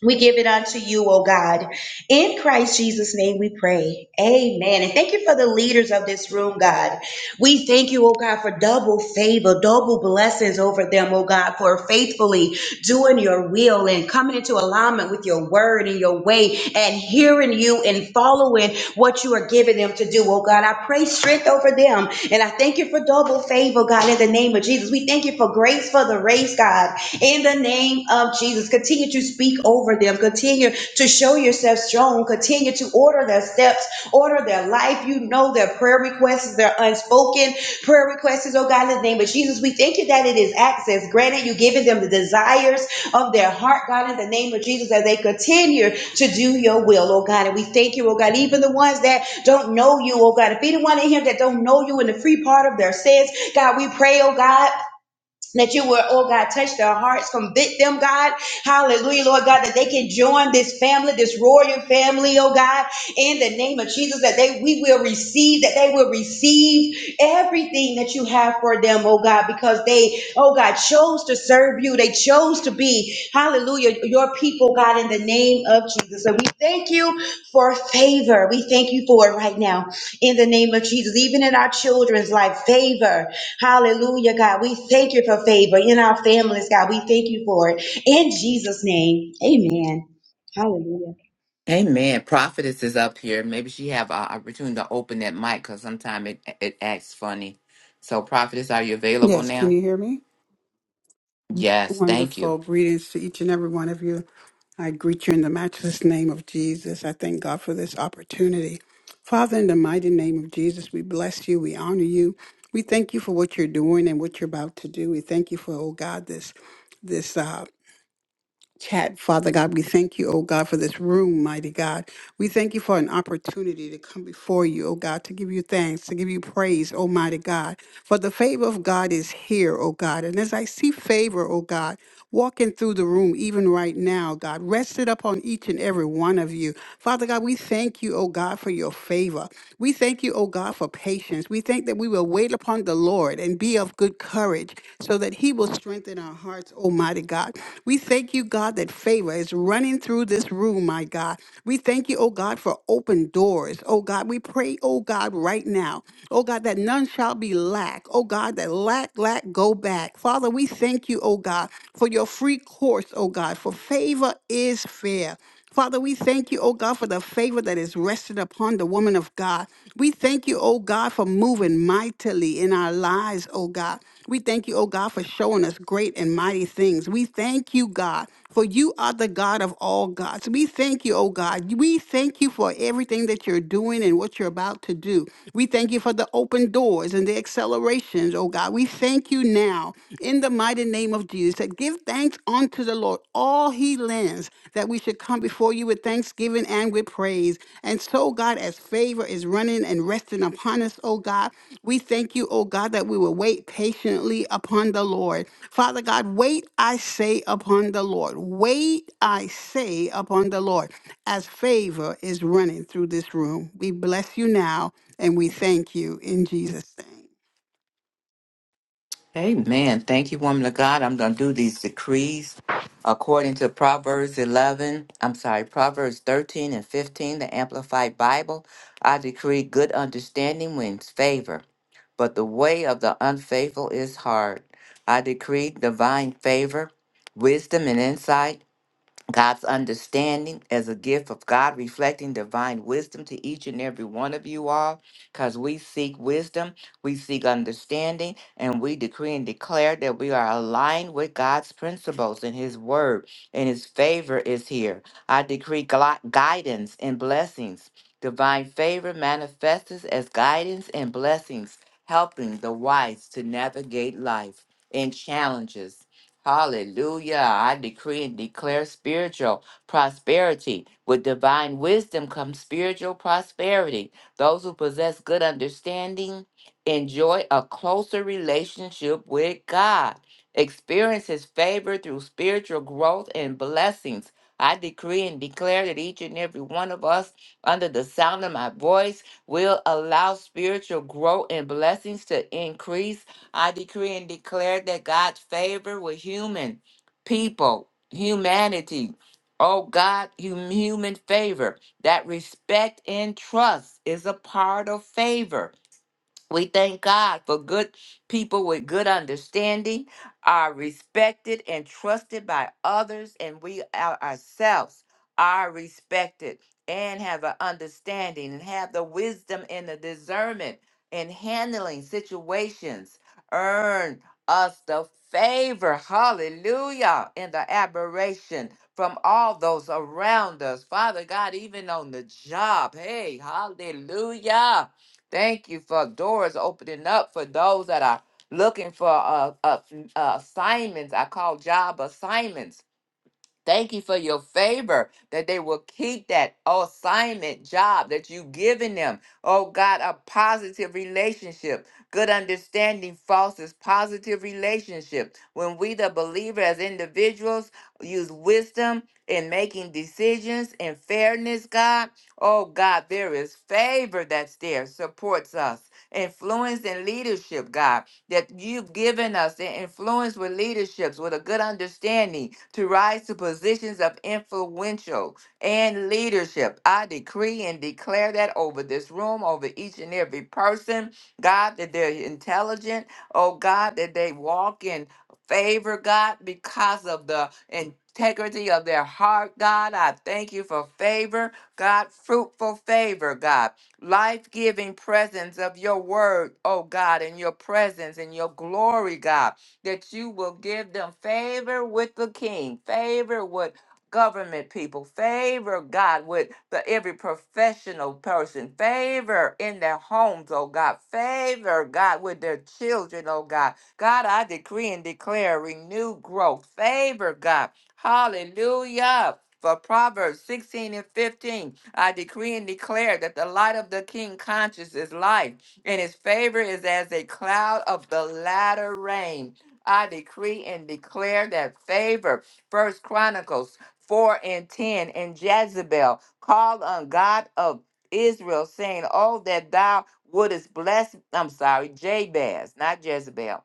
F: We give it unto you, O God. In Christ Jesus' name we pray. Amen. And thank you for the leaders of this room, God. We thank you, O God, for double favor, double blessings over them, O God, for faithfully doing your will and coming into alignment with your word and your way and hearing you and following what you are giving them to do. Oh God, I pray strength over them. And I thank you for double favor, God, in the name of Jesus. We thank you for grace for the race, God, in the name of Jesus. Continue to speak over them. Continue to show yourself strong. Continue to order their steps Order their life. You know their prayer requests, their unspoken prayer requests, oh God, in the name of Jesus. We thank you that it is access. Granted, you've given them the desires of their heart, God, in the name of Jesus, as they continue to do your will, oh God. And we thank you, oh God, even the ones that don't know you, oh God. If anyone in here that don't know you in the free part of their sins, God, we pray, oh God. That you will, oh God, touch their hearts, convict them, God. Hallelujah, Lord God, that they can join this family, this royal family, oh God, in the name of Jesus, that they we will receive, that they will receive everything that you have for them, oh God, because they, oh God, chose to serve you. They chose to be, hallelujah, your people, God, in the name of Jesus. So we thank you for favor. We thank you for it right now in the name of Jesus, even in our children's life, favor. Hallelujah, God. We thank you for favor in our families, God. We thank you for it. In Jesus' name, amen. Hallelujah.
A: Amen. Prophetess is up here. Maybe she have an opportunity to open that mic because sometimes it, it acts funny. So, Prophetess, are you available
G: Yes, can
A: now?
G: you hear me?
A: Yes. Thank you.
G: Wonderful greetings to each and every one of you. I greet you in the matchless name of Jesus. I thank God for this opportunity. Father, in the mighty name of Jesus, we bless you. We honor you. We thank you for what you're doing and what you're about to do. We thank you for, oh God, this this uh, chat. Father God, we thank you, oh God, for this room, mighty God. We thank you for an opportunity to come before you, oh God, to give you thanks, to give you praise, Almighty God. For the favor of God is here, oh God. And as I see favor, oh God, walking through the room, even right now, God. Rest it upon each and every one of you. Father God, we thank you, oh God, for your favor. We thank you, oh God, for patience. We thank that we will wait upon the Lord and be of good courage so that he will strengthen our hearts, Almighty God. We thank you, God, that favor is running through this room, my God. We thank you, oh God, for open doors. Oh God, we pray, oh God, right now. Oh God, that none shall be lack. Oh God, that lack, lack, go back. Father, we Father, we thank you, oh God, for your free course, oh God, for favor is fair. Father, we thank you, oh God, for the favor that is rested upon the woman of God. We thank you, oh God, for moving mightily in our lives, oh God. We thank you, oh God, for showing us great and mighty things. We thank you, God for you are the God of all gods. We thank you, oh God. We thank you for everything that you're doing and what you're about to do. We thank you for the open doors and the accelerations, oh God. We thank you now in the mighty name of Jesus that give thanks unto the Lord all he lends, that we should come before you with thanksgiving and with praise. And so, God, as favor is running and resting upon us, oh God, we thank you, oh God, that we will wait patiently upon the Lord. Father God, wait, I say, upon the Lord. Wait, I say, upon the Lord, as favor is running through this room. We bless you now and we thank you in Jesus' name.
A: Amen. Thank you, woman of God. I'm going to do these decrees according to Proverbs 11. I'm sorry, Proverbs 13 and 15, the Amplified Bible. I decree good understanding wins favor, but the way of the unfaithful is hard. I decree divine favor, wisdom, and insight. God's understanding as a gift of God, reflecting divine wisdom to each and every one of you all, because we seek wisdom, we seek understanding, and we decree and declare that we are aligned with God's principles and His word, and His favor is here. I decree gli- guidance and blessings. Divine favor manifests as guidance and blessings, helping the wise to navigate life and challenges. Hallelujah. I decree and declare spiritual prosperity. With divine wisdom comes spiritual prosperity. Those who possess good understanding enjoy a closer relationship with God, experience His favor through spiritual growth and blessings. I decree and declare that each and every one of us, under the sound of my voice, will allow spiritual growth and blessings to increase I decree and declare that God's favor with human people, humanity, oh God, hum- human favor, that respect and trust is a part of favor we thank God for good people with good understanding are respected and trusted by others, and we our- ourselves are respected and have an understanding and have the wisdom and the discernment in handling situations. Earn us the favor, hallelujah, and the admiration from all those around us. Father God, even on the job, hey, hallelujah. Thank you for doors opening up for those that are looking for uh, uh, uh, assignments. I call job assignments Thank you for your favor that they will keep that assignment job that you've given them. Oh God, a positive relationship. Good understanding fosters positive relationship. When we, the believer, as individuals, use wisdom in making decisions and fairness, God, oh God, there is favor that's there, supports us, influence and leadership, God that you've given us the influence with leaderships with a good understanding to rise to positions of influential and leadership. I decree and declare that over this room, over each and every person, God, that they're intelligent, oh God, that they walk in favor, God, because of the integrity of their heart, God. I thank you for favor, God, fruitful favor, God life giving presence of your word, oh God, and your presence and your glory, God, that you will give them favor with the king, favor with government people, favor, God, with the every professional person, favor in their homes, oh God, favor, God, with their children, oh God. God, I decree and declare renewed growth, favor, God. Hallelujah for Proverbs 16 and 15, I decree and declare that the light of the king conscience is light, and his favor is as a cloud of the latter rain. I decree and declare that favor. First Chronicles 4 and 10, and Jezebel called on God of Israel, saying, Oh, that thou wouldest bless, I'm sorry, Jabez, not Jezebel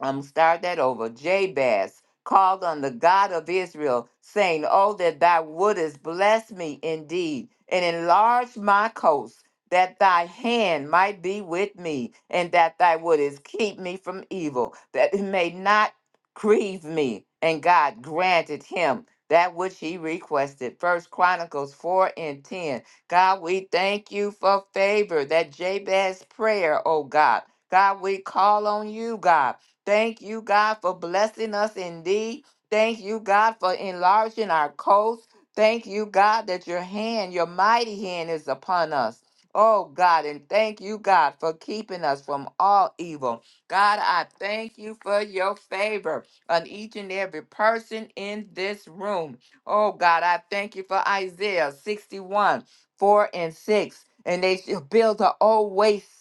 A: I'm gonna start that over. Jabez called on the God of Israel, saying, Oh, that thou wouldest bless me indeed, and enlarge my coast, that thy hand might be with me, and that thou wouldest keep me from evil, that it may not grieve me. And God granted him that which he requested. First Chronicles 4 and 10. God, we thank you for favor, that Jabez's prayer, oh God. God, we call on you, God Thank you, God, for blessing us indeed. Thank you, God, for enlarging our coast. Thank you, God, that your hand, your mighty hand is upon us. Oh, God, and thank you, God, for keeping us from all evil. God, I thank you for your favor on each and every person in this room. Oh, God, I thank you for Isaiah 61, 4 and 6. And they shall build an old waste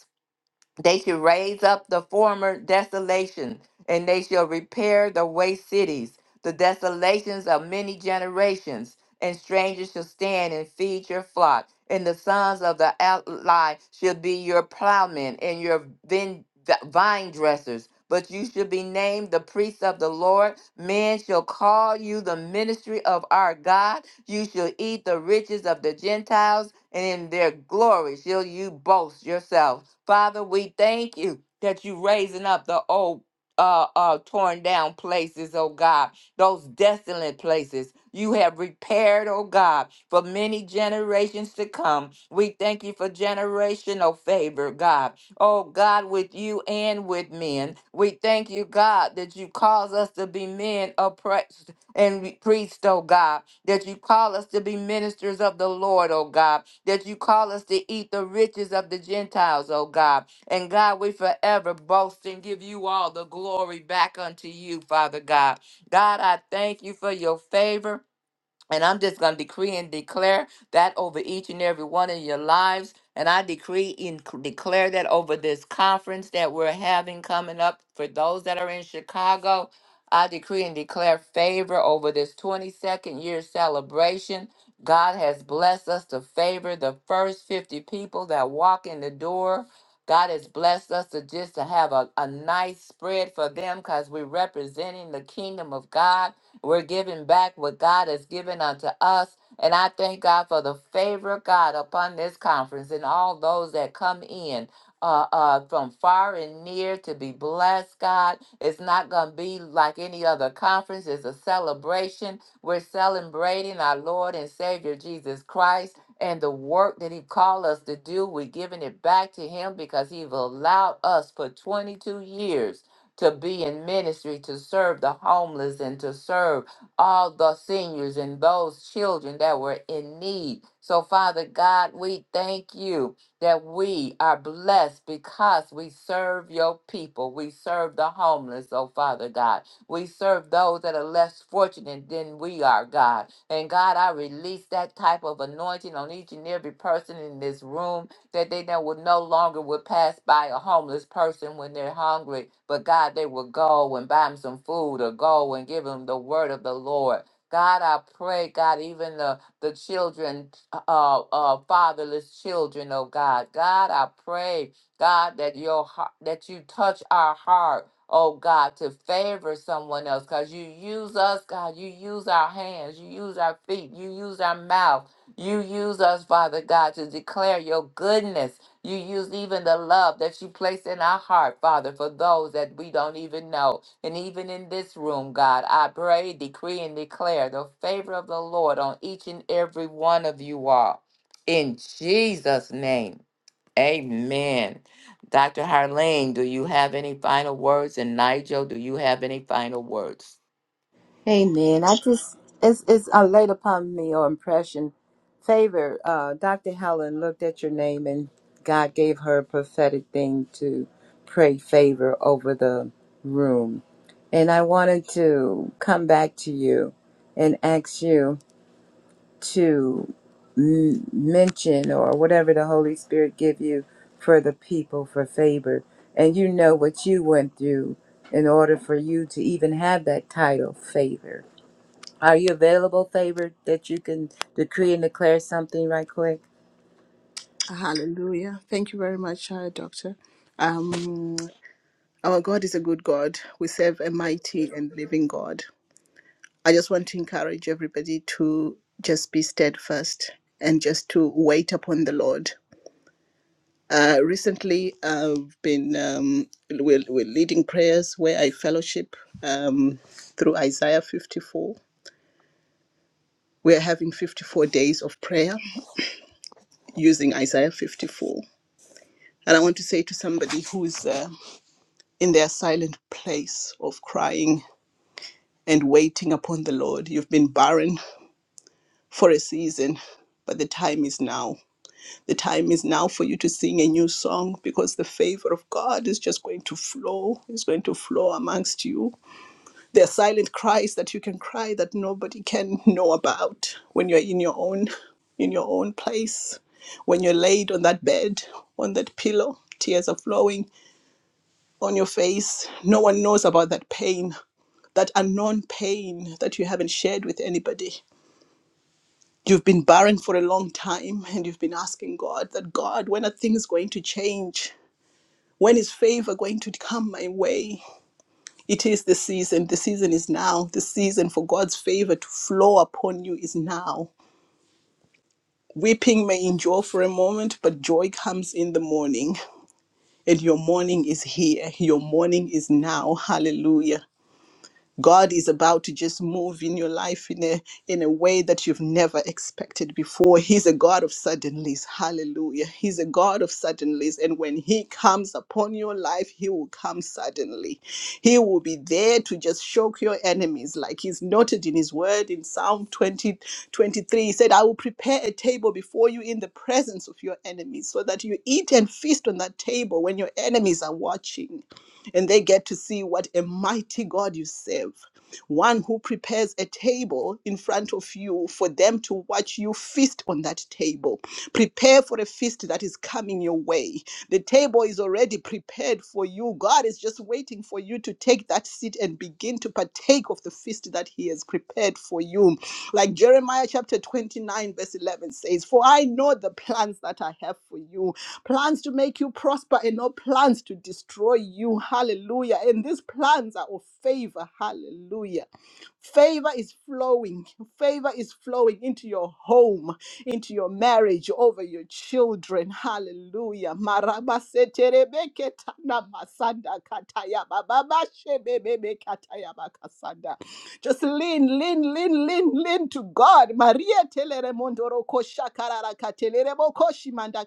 A: they shall raise up the former desolation, and they shall repair the waste cities, the desolations of many generations. And strangers shall stand and feed your flock, and the sons of the ally shall be your plowmen and your vin- vine dressers. But you shall be named the priests of the Lord. Men shall call you the ministry of our God. You shall eat the riches of the Gentiles, and in their glory shall you boast yourself. Father, we thank you that you raising up the old uh, uh, torn down places, oh God, those desolate places you have repaired, oh God, for many generations to come. We thank you for generational favor, God. Oh God, with you and with men. We thank you, God, that you cause us to be men of praise and we preached, oh God, that you call us to be ministers of the Lord, oh God, that you call us to eat the riches of the Gentiles, oh God. And God, we forever boast and give you all the glory back unto you, Father God. God, I thank you for your favor. And I'm just going to decree and declare that over each and every one of your lives. And I decree and c- declare that over this conference that we're having coming up for those that are in Chicago. I decree and declare favor over this 22nd year celebration. God has blessed us to favor the first 50 people that walk in the door. God has blessed us to just to have a, a nice spread for them because we're representing the kingdom of God. We're giving back what God has given unto us. And I thank God for the favor of God upon this conference and all those that come in. Uh, uh, from far and near to be blessed, God. It's not going to be like any other conference. It's a celebration. We're celebrating our Lord and Savior Jesus Christ and the work that He called us to do. We're giving it back to Him because He've allowed us for 22 years to be in ministry, to serve the homeless, and to serve all the seniors and those children that were in need. So, Father God, we thank you that we are blessed because we serve your people. We serve the homeless, oh Father God. We serve those that are less fortunate than we are, God. And God, I release that type of anointing on each and every person in this room that they know will no longer would pass by a homeless person when they're hungry, but God, they will go and buy them some food or go and give them the word of the Lord. God, I pray, God, even the, the children, uh, uh, fatherless children, oh God. God, I pray, God, that your heart, that you touch our heart, oh God, to favor someone else. Cause you use us, God, you use our hands, you use our feet, you use our mouth. You use us, Father God, to declare your goodness. You use even the love that you place in our heart, Father, for those that we don't even know. And even in this room, God, I pray, decree, and declare the favor of the Lord on each and every one of you all. In Jesus' name, amen. Dr. Harlene, do you have any final words? And Nigel, do you have any final words?
B: Amen. I just it's it's uh, laid upon me or impression. Favor, uh, Dr. Helen looked at your name and God gave her a prophetic thing to pray favor over the room. And I wanted to come back to you and ask you. to m- mention or whatever the Holy Spirit give you for the people for favor. And you know what you went through in order for you to even have that title favor. Are you available, favor, that you can decree and declare something right quick?
E: Hallelujah. Thank you very much, uh, Doctor. Um, our God is a good God. We serve a mighty and living God. I just want to encourage everybody to just be steadfast and just to wait upon the Lord. Uh, recently, I've been um, we're, we're leading prayers where I fellowship um, through Isaiah 54. We're having 54 days of prayer using Isaiah 54. And I want to say to somebody who is uh, in their silent place of crying and waiting upon the Lord, you've been barren for a season, but the time is now. The time is now for you to sing a new song because the favor of God is just going to flow, is going to flow amongst you. There are silent cries that you can cry that nobody can know about when you're in your own in your own place when you're laid on that bed, on that pillow, tears are flowing, on your face. No one knows about that pain, that unknown pain that you haven't shared with anybody. You've been barren for a long time and you've been asking God that God, when are things going to change? When is favor going to come my way? It is the season. The season is now. The season for God's favor to flow upon you is now. Weeping may endure for a moment, but joy comes in the morning. And your morning is here. Your morning is now. Hallelujah. God is about to just move in your life in a in a way that you've never expected before. He's a God of suddenlies. Hallelujah. He's a God of suddenlies. And when he comes upon your life, he will come suddenly. He will be there to just shock your enemies, like he's noted in his word in Psalm 20 23. He said, I will prepare a table before you in the presence of your enemies, so that you eat and feast on that table when your enemies are watching and they get to see what a mighty God you serve. One who prepares a table in front of you for them to watch you feast on that table. Prepare for a feast that is coming your way. The table is already prepared for you. God is just waiting for you to take that seat and begin to partake of the feast that He has prepared for you. Like Jeremiah chapter 29, verse 11 says, For I know the plans that I have for you plans to make you prosper and not plans to destroy you. Hallelujah. And these plans are of favor. Hallelujah. Favor is flowing. Favor is flowing into your home, into your marriage, over your children. Hallelujah. Marabaseterebeketana Just lean, lean, lean, lean, lean to God. Maria telere mondoro kosha karara katelere bokoshi manda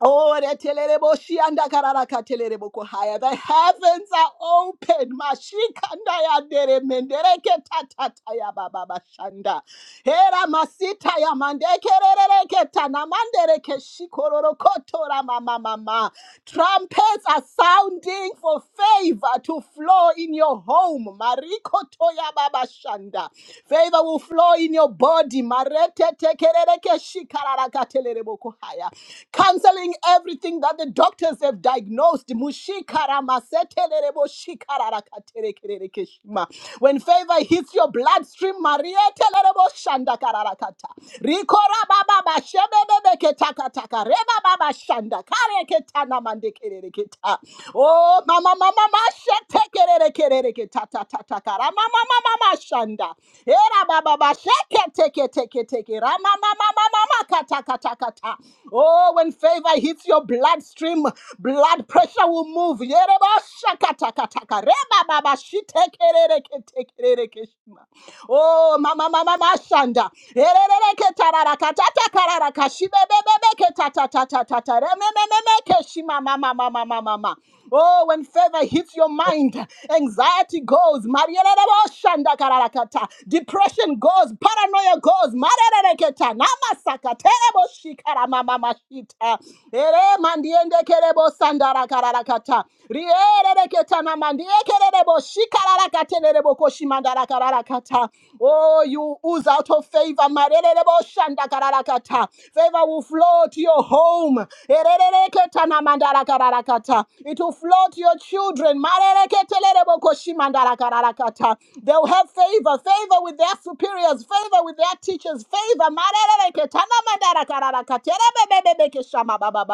E: Oh, retelelebo shianda kararaka telelebo kohaya. The heavens are open. Mashikanda ya dere mendereke tatata ya baba bashanda. Hera masita ya mandeke rerereke tana mandereke shikororo kotora mama mama. Trumpets are sounding for favor to flow in your home. Mariko toya baba shanda. Favor will flow in your body. Marete tekerereke shikararaka telelebo kohaya canceling everything that the doctors have diagnosed. Mushikaramasetelebo shikararakaterekerekeshima. When favor hits your bloodstream, Maria telerebo shandakararakata. Rikora baba bashebebebeketakataka. baba shandakareketanamandikerereketa. Oh, mama, mama masha tekerere kerere ke ta ta ta ta kara mama mama mashanda. Era baba basha teke teke teke ra mama mama mama kata kata kata. Oh, when favor hits your bloodstream, blood pressure will move. Yere basha kata kata kare baba bashi tekerere ke tekerere ke shima. Oh, mama mama mashanda. Ererere ketarara katata karara kashibebebebe ketata tata tata tata remememe ke keshima mama mama mama mama. Oh, when favor hits your mind, anxiety goes. Marielele shanda karara kata. Depression goes. Paranoia goes. Marerere keta namasaka terebo shikara mama mashita. Ere mandiende kerebo sandara karara kata. Rierere mandelebo shikarakaterebo koshimandarakarakata. Oh, you ooze out of favor. Marerebo shandakarakata. Favor will flow to your home. Erereketa na mandarakarakata. It will flow to your children. Marereketelebo koshimandarakarakata. They'll have favor, favor with their superiors, favor with their teachers, favor. Marerereketa na mandarakarakata. Erebebebebeke shama ba ba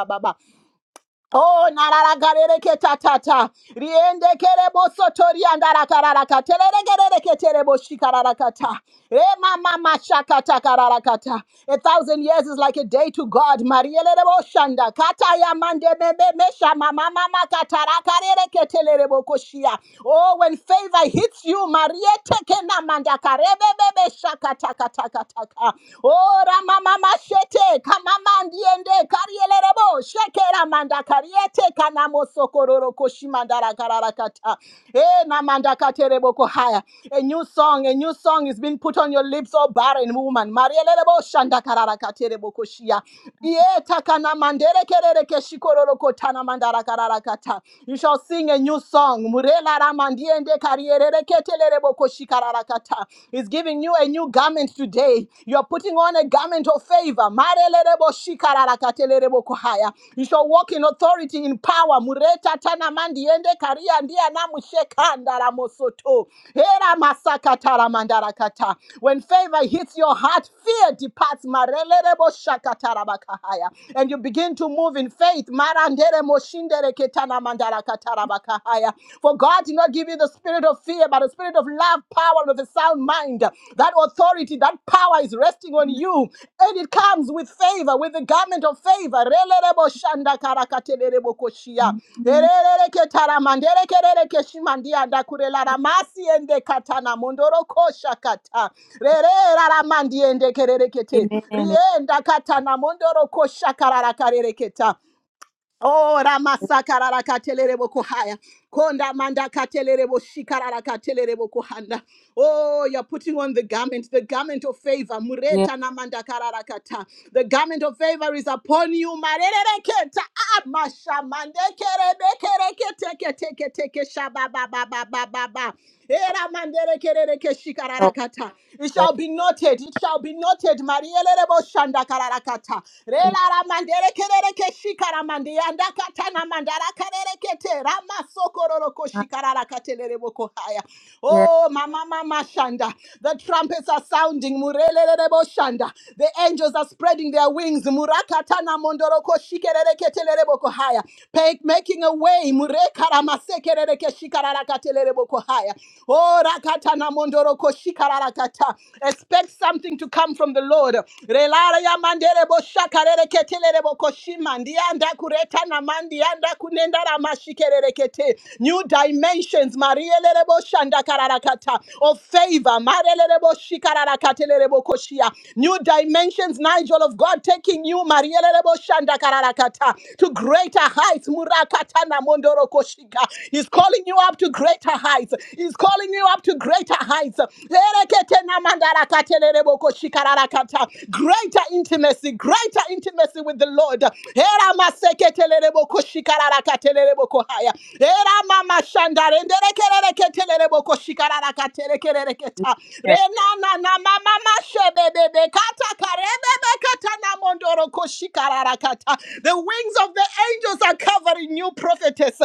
E: Oh, nararakarere ketatata. Riende kerebo sotori andarakarakata. Terere kerere keterebo kata. Eh, A thousand years is like a day to God. Maria Lerebo Shanda. Kata mande me me me sha ma ma ma ma Oh, when favor hits you, Maria teke na manda ka re be be be sha Oh, ra ma shete ka ndiende ka re le manda ka re boko shimandara kararakata. Eh, namanda katere boko haya. A new song, a new song is being put on your lips, oh barren woman. Maria lelebo shanda kararakatere boko shia. Ye takana mandere kerere keshikororo kotana mandara kararakata. You shall sing a new song. Murela ramandiende karierere ketelere boko shikararakata. He's giving you a new garment today. You're putting on a garment of faith favor. You shall walk in authority, in power. Mureta tana mandiende karia ndia na mushekanda la mosoto. Hera masakata la mandarakata. When favor hits your heart, fear departs. Marelelebo shakatarabakahaya. And you begin to move in faith. Marandere moshindere ketana mandarakata rabakahaya. For God did not give you the spirit of fear, fear, but a spirit of love, power, and of a sound mind. That authority, that power is resting on you, and it comes with favor, with the garment of favor. Relerebo shanda karakatelerebo koshia.
B: Mhm.
E: Erereke taramandereke rereke shimandia ndakurela ramasi ende katana mondoro kosha kata. Rere raramandi ende kererekete.
B: Amen.
E: Rienda katana mondoro kosha kararakarereketa. Oh, Ramasakarara katelerebo kohaya. Konda manda katelerebo shikarara katelerebo kohanda. Oh, you're putting on the garment, the garment of favor.
B: Yeah.
E: Mureta na manda karara The garment of favor is upon you. Marerere keta. Ah, masha mande kerebe shaba ba ba ba ba ba ba. Era mandere kerere keshikararakata. It
B: Yes,
E: shall be noted. It shall be noted. Marielebo shanda kararakata. Rela ramandere kerere keshikara mandi anda katana mandara karere kete rama sokororo koshikararakatere rebo kohaya.
B: yes.
E: Oh, mama mama shanda. The trumpets are sounding. Murelelebo shanda. The angels are spreading their wings. Murakatana mondoro koshikerere ketere rebo kohaya. Pe- Making a way. Murekara masekerere Oh, rakata na mondoro ko shikarara Expect something to come from the Lord. Relara ya mandere bo shakarere ketelere bo koshima. Ndianda kureta na mandianda kunenda ra mashikerere kete. New dimensions. Marielere bo shanda karara Of favor. Marelere bo shikarara bo koshia. New dimensions, Nigel of God, taking you, Marielere bo shanda karara to greater heights. Murakata na mondoro koshika. He's calling you you up to greater heights. He's calling you up to greater heights. Greater intimacy, greater intimacy with the Lord. the wings of the angels are covering you, prophetess.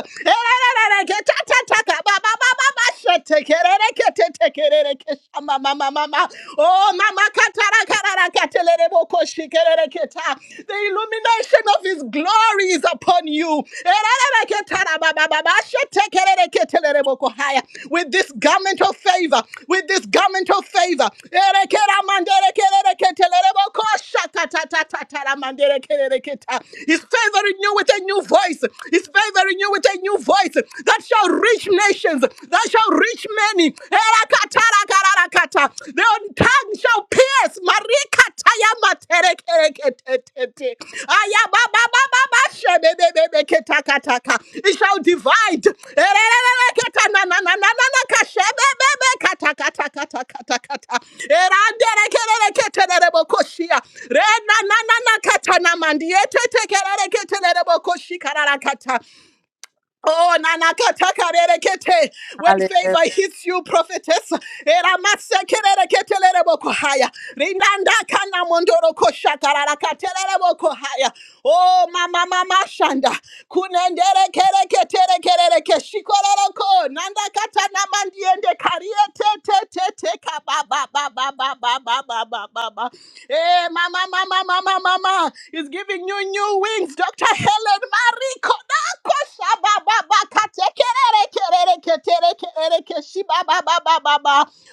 E: Oh, mama katara karara katelere boko shikerere keta. the illumination of his glory is upon you. Erere ketara baba baba shetekerere ketelere boko haya. With this garment of favor, with this garment of favor. Ere mandere kerere ketelere boko shakatatatatara mandere kerere keta. He's favoring you with a new voice. He's favoring you with a a new voice that shall reach nations, that shall reach many. Erakatarakaraka. Their tongue shall pierce. It shall divide. Oh, nanakatakarerekete. when favor hits you, prophetess. eramasekerereketeleremokohaya. Rinandakanamondoroposhakararakaterelemokohaya. Oh, mama, mama, shanda. Kunenderekereketerekereke. Shikororoko. Nandakatanamandiende karieteteteteka. Ba, ba, ba, ba, ba, ba, ba, ba, ba, ba, ba. Eh, mama, mama, mama, mama. is giving you new wings, Dr. Helen Mariko.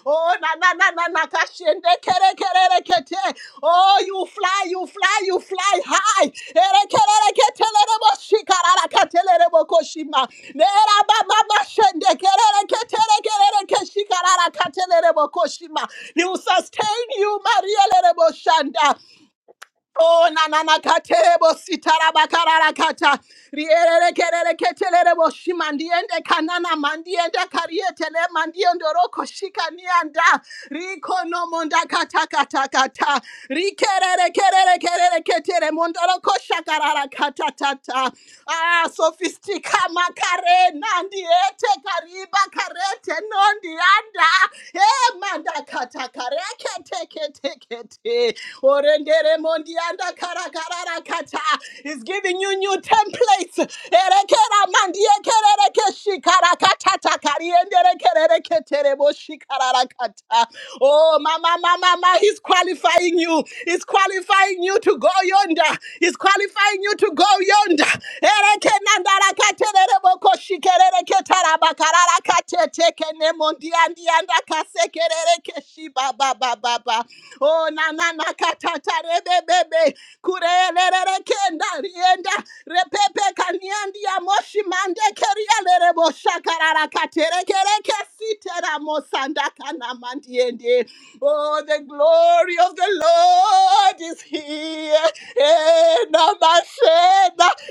E: Oh, na na na na na kashende kere kere kete. Oh, you fly, you fly, you fly high. Ere kere kete lere bo shikarara kete lere bo koshima. Nera ba ba ba shende kere kete kere kete kete lere bo koshima. He will sustain you, Maria lere bo shanda. Oh, na na na katebo sitara bakara la kata. Riere kerere ketelere bo shimandiende kanana mandiende karietele mandiende roko shika nianda. Riko no monda kata kata kata. Rikerere kerere kerere ketere mondoro kosha karara kata tata. Ah, sofistika makare nandiete kariba karete nondianda manda kata kare kete kete kete. Orendere mondianda kara kara kata. He's giving you new templates. Erekera mandie kerere keshi kara kata takari endere kerere ketere boshi karara kata. Oh, mama, mama, mama, he's qualifying you. He's qualifying you to go yonder. He's qualifying you to go yonder. Erekenandara katerere shikerere ketara bakarara kateteke ne mondiandianda kasekerere keshi ba ba ba ba ba. Oh na na na katatare bebebe kurelere kenda rienda repepe kaniandia moshi mande kerielere boshakarara katerekere kesitera mosanda kana mandiende. Oh, the glory of the Lord is here na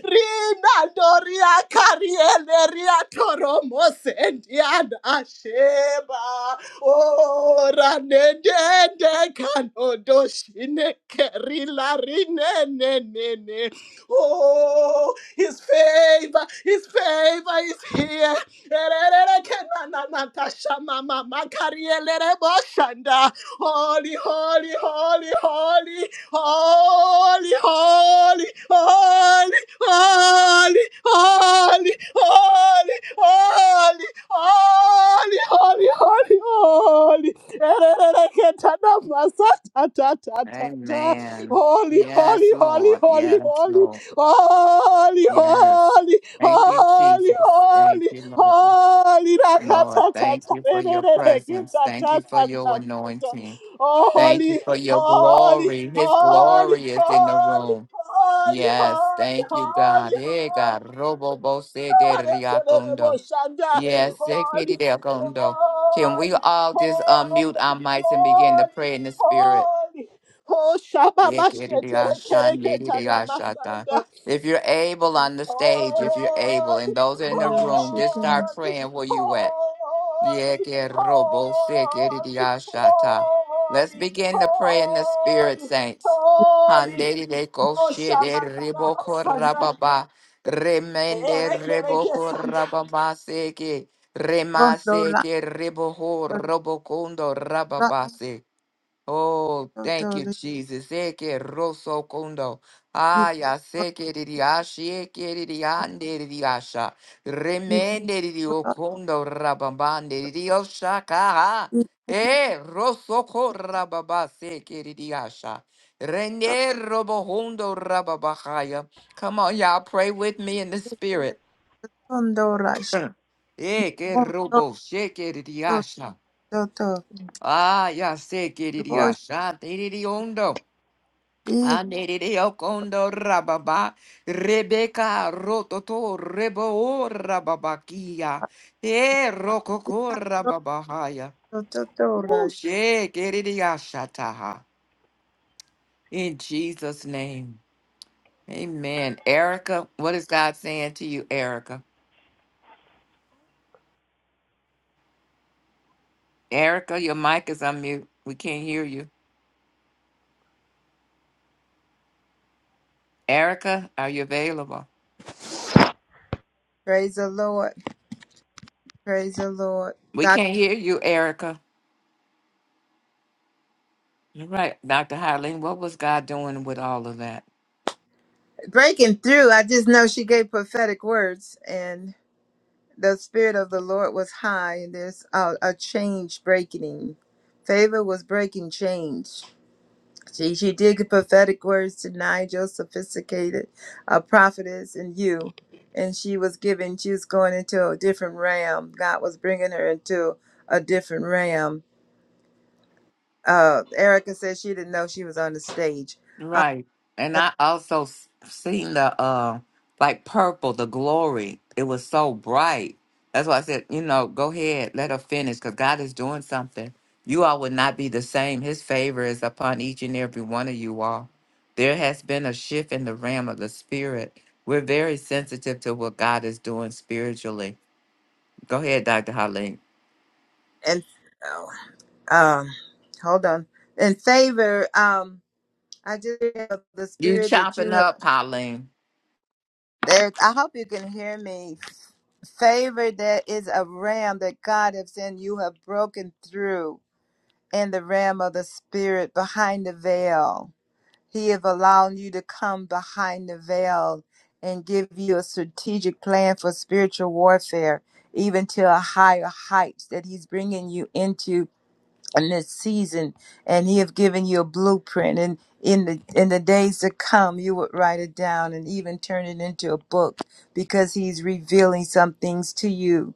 E: rina doria kariele ria toromosendiana asheba o ranedende kanodoshine kerila rinenenene oh his favor his favor is here Ererere kenana natasha mama makariele boshanda holy holy holy holy Holy, holy, holy, holy, holy, holy, holy, holy, holy, holy, holy. holy, Holy,
A: Amen.
E: holy,
A: Yes,
E: holy,
A: Lord.
E: holy, holy,
A: Yes,
E: holy,
A: Yes.
E: holy,
A: Thank you,
E: holy,
A: Jesus. Thank
E: holy,
A: you, Lord.
E: holy.
A: Lord, thank
E: Rakatatata.
A: you for your presence. Thank you for
E: Ererereketatatata.
A: your anointing.
E: Oh,
A: Thank you
E: holy,
A: for your
E: Holy,
A: glory. His
E: holy,
A: glory is in the
E: holy,
A: room.
E: holy,
A: Yes,
E: holy,
A: thank you,
E: holy,
A: God. Hey, God. Robo bo se de
E: holy,
A: riacondo.
E: Telemoshanda.
A: Yes, se que
E: holy,
A: de riacondo. Can we
E: holy,
A: all just unmute
E: holy,
A: our mics and begin to
E: holy,
A: pray in the spirit?
E: holy. Oh, Shabba
A: If
E: Basheteleketana Masanda.
A: you're able on the stage, if you're able,
E: Holy,
A: and those in the
B: Dios,
A: room,
B: yo
A: just
B: te ne-
A: start
E: holy,
A: praying where you at.
E: holy, holy,
A: Let's
E: holy,
A: begin to pray in the spirit,
E: holy,
A: saints.
E: holy. Oh, Shama Karabasanga.
A: Remende
E: Erekereke
A: reboko
E: Sanga.
A: rababa seke
B: Cuando
A: remase
B: la-
A: ke reboho
B: cuando
A: robokundo rababase Oh, thank
B: todo el
A: you, Jesus. Eke roso kondo. Aya
B: cuando
A: seke didi ashi eke didi
B: la-
A: ande didi asha. Remende didi okondo rababande didi oshaka. ha. Eh, roso ko rababa seke didi asha. Rene robohondo rababahaya. Come on, y'all, pray with me in the spirit.
B: cuando la-
A: Eke
B: cuando
A: robo sheke didi
B: la-
A: asha.
B: Toto.
A: Ah, ya seke didi
B: Glory,
A: asha. Didi ondo. Anereo kondo rababa, Rebecca rototo rebo rababakia, e rokoko rababahaya.
B: Toto, Toto.
A: Ushe keridia shataha. In Jesus' name, amen. Erica, what is God saying to you, Erica? Erica, your mic is on mute. We can't hear you. Erica, are you available?
B: Praise the Lord. Praise the Lord.
A: We
B: Doc-
A: can't hear you, Erica. All right, Dr. Hyland, what was God doing with all of that?
B: breaking through. I just know she gave prophetic words, and the Spirit of the Lord was high, and there's uh, a change breaking. Favor was breaking change. She, she did give prophetic words to Nigel, sophisticated, a prophetess, and you. And she was giving, she was going into a different realm. God was bringing her into a different realm Uh, Erica said she didn't know she was on the stage. Uh,
A: Right. And I also s- seen the uh like purple, the glory. It was so bright. That's why I said, you know, go ahead, let her finish cuz God is doing something. You all would not be the same. His favor is upon each and every one of you all. There has been a shift in the realm of the spirit. We're very sensitive to what God is doing spiritually. Go ahead, Dr. Harleen.
B: and oh, um, hold on. In favor, um, I just have the
A: You
B: spirit that you
A: chopping
B: have.
A: up, Harleen.
B: There, I hope you can hear me. Favor, there is a ram that God has sent. You have broken through in the realm of the spirit behind the veil. He have allowed you to come behind the veil and give you a strategic plan for spiritual warfare, even to a higher heights that He's bringing you into in this season. And He have given you a blueprint, and in the in the days to come, you would write it down and even turn it into a book because He's revealing some things to you.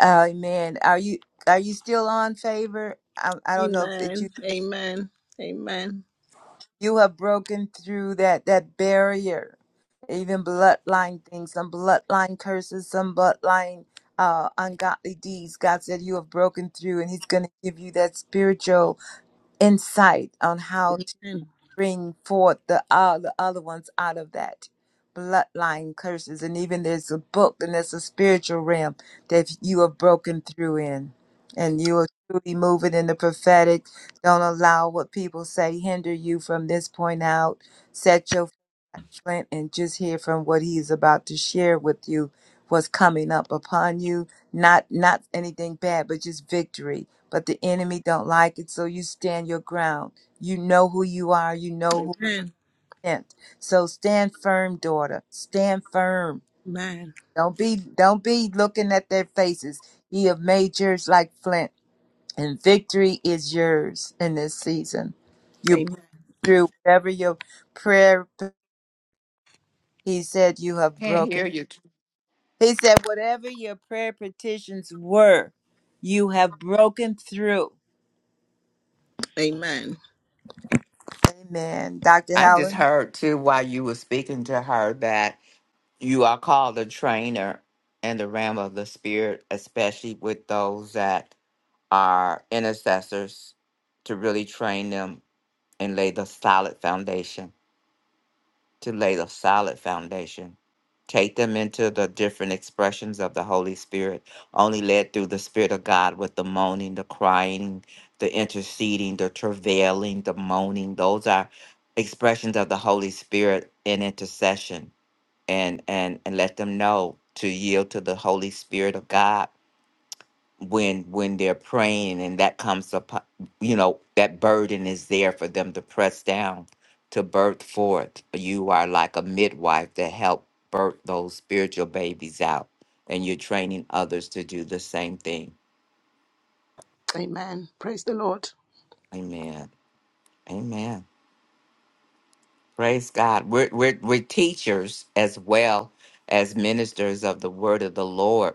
B: Amen. Are you are you still on favor? I, I don't know if it, you.
E: Amen. Amen. Amen.
B: You have broken through that that barrier, even bloodline things, some bloodline curses, some bloodline uh, ungodly deeds. God said you have broken through, and He's going to give you that spiritual insight on how
E: And
B: bring forth the all the other ones out of that bloodline curses and even there's a book and there's a spiritual realm that you have broken through in and you are truly moving in the prophetic don't allow what people say hinder you from this point out set your Flint and just hear from what he's about to share with you what's coming up upon you not not anything bad but just victory but the enemy don't like it so you stand your ground you know who you are you know who you sent so stand firm daughter stand firm don't be don't be looking at their faces ye have made yours like flint and victory is yours in this season you broke through whatever your prayer he said you have
A: Can't
B: broken
A: hear you.
B: He said, Whatever your prayer petitions were, you have broken through.
E: amen.
B: Amen. Dr.
A: I just
B: Helen?
A: heard too while you were speaking to her that You are called a trainer in the realm of the spirit, especially with those that are intercessors, to really train them and lay the solid foundation, to lay the solid foundation. Take them into the different expressions of the Holy Spirit, only led through the Spirit of God with the moaning, the crying, the interceding, the travailing, the moaning. Those are expressions of the Holy Spirit in intercession and and and let them know to yield to the holy spirit of god when when they're praying and that comes up you know that burden is there for them to press down to birth forth you are like a midwife to help birth those spiritual babies out and you're training others to do the same thing
E: Amen. Praise the Lord.
A: amen amen praise god we're we're, we're teachers as well as ministers of the word of the lord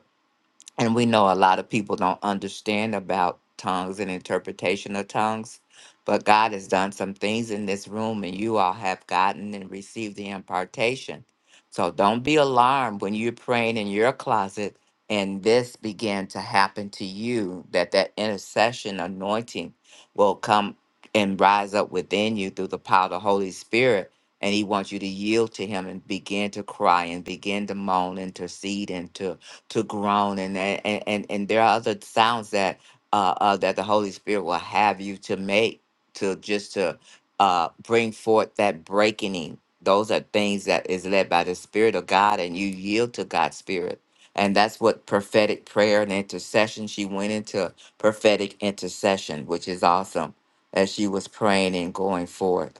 A: and we know a lot of people don't understand about tongues and interpretation of tongues but god has done some things in this room and you all have gotten and received the impartation so don't be alarmed when you're praying in your closet and this began to happen to you that that intercession anointing will come and rise up within you through the power of the holy spirit and he wants you to yield to him and begin to cry and begin to moan intercede and to to groan and and and, and there are other sounds that uh, uh that the holy spirit will have you to make to just to uh bring forth that breaking those are things that is led by the spirit of god and you yield to god's spirit and that's what prophetic prayer and intercession she went into prophetic intercession which is awesome as she was praying and going forth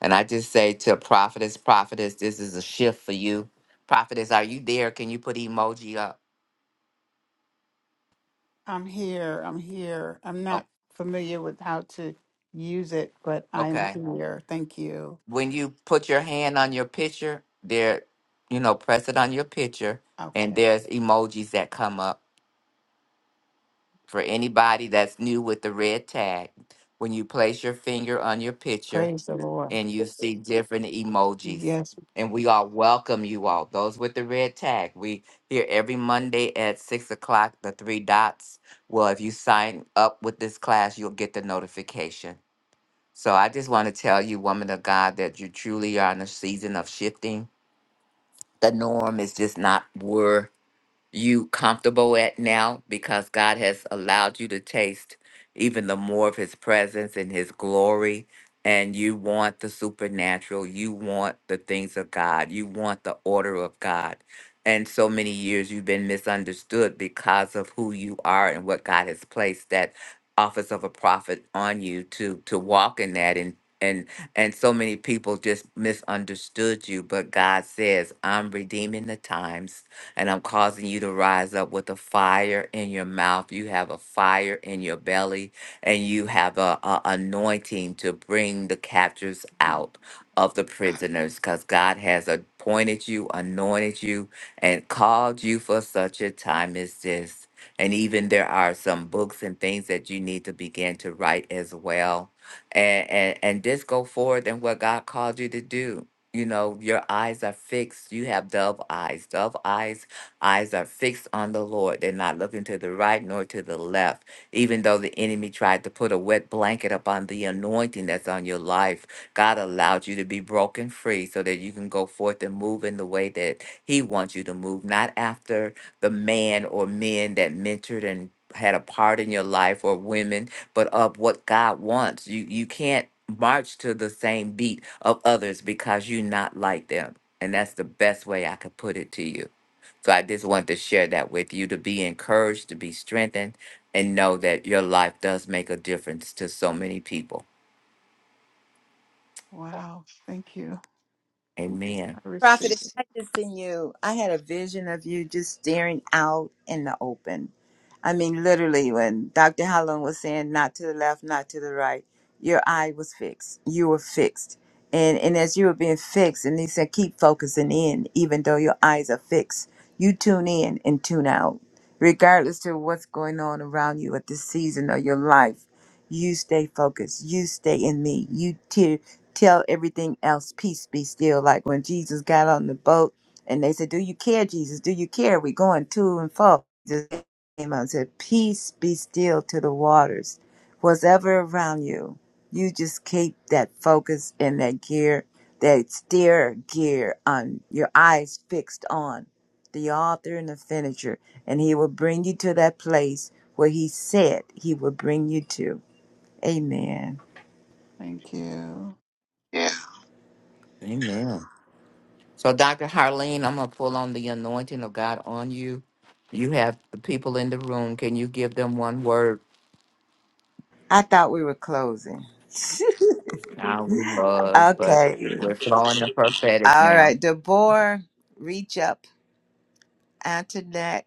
A: and i just say to prophetess prophetess this is a shift for you prophetess are you there can you put emoji up
G: I'm here. I'm here. I'm
A: Oh,
G: not familiar with how to use it, but I'm
A: okay.
G: here. Thank you.
A: When you put your hand on your picture, there, you know, press it on your picture, and
G: Okay.
A: there's emojis that come up for anybody that's new with the red tag. When you place your finger on your picture
G: Praise the Lord.
A: and you see different emojis, and we all welcome you all. Those with the red tag, we here every Monday at six o'clock. The three dots. Well, if you sign up with this class, you'll get the notification. So I just want to tell you, woman of God, that you truly are in a season of shifting. The norm is just not where you comfortable at now because God has allowed you to taste even the more of his presence and his glory and you want the supernatural you want the things of God you want the order of God and so many years you've been misunderstood because of who you are and what God has placed that office of a prophet on you to to walk in that and and and so many people just misunderstood you but God says I'm redeeming the times and I'm causing you to rise up with a fire in your mouth. You have a fire in your belly, and you have a, a anointing to bring the captors
G: Uh,
A: out of the prisoners, because God has appointed you, anointed you, and called you for such a time as this. And even there are some books and things that you need to begin to write as well. And, and and just go forward in what God called you to do you know your eyes are fixed you have dove eyes dove eyes Eyes are fixed on the Lord. They're not looking to the right nor to the left. Even though the enemy tried to put a wet blanket upon the anointing that's on your life, God allowed you to be broken free so that you can go forth and move in the way that He wants you to move, not after the man or men that mentored and had a part in your life or women, but of what God wants. You you can't march to the same beat of others because you're not like them. And that's the best way I could put it to you. So I just wanted to share that with you to be encouraged, to be strengthened, and know that your life does make a difference to so many people.
G: Wow. Thank you.
A: Amen.
G: See,
B: Prophet, I just seen you. I had a vision of you just staring out in the open. I mean, literally, when Dr. Holland was saying not to the left, not to the right, your eye was fixed. You were fixed. And, and as you were being fixed, and he said, keep focusing in, even though your eyes are fixed. You tune in and tune out, regardless to what's going on around you at this season of your life you stay focused. You stay in me. You te- tell everything else, peace be still. Like when Jesus got on the boat and they said, Do you care, Jesus? Do you care? We're going to and fro. Jesus came out and said, Peace be still to the waters. Whatever around you, you just keep that focus and that gear, that steer gear on your eyes fixed on the author and the finisher. And he will bring you to that place where he said he would bring you to. Amen.
G: thank you.
A: Amen. So, Dr. Harleen, I'm going to pull on the anointing of God on you. You have the people in the room. Can you give them one word?
B: I thought we were closing.
A: Now we was, but
B: okay.
A: we're flowing in prophetic
B: All
A: now.
B: right. Deborah, reach up. Antoinette,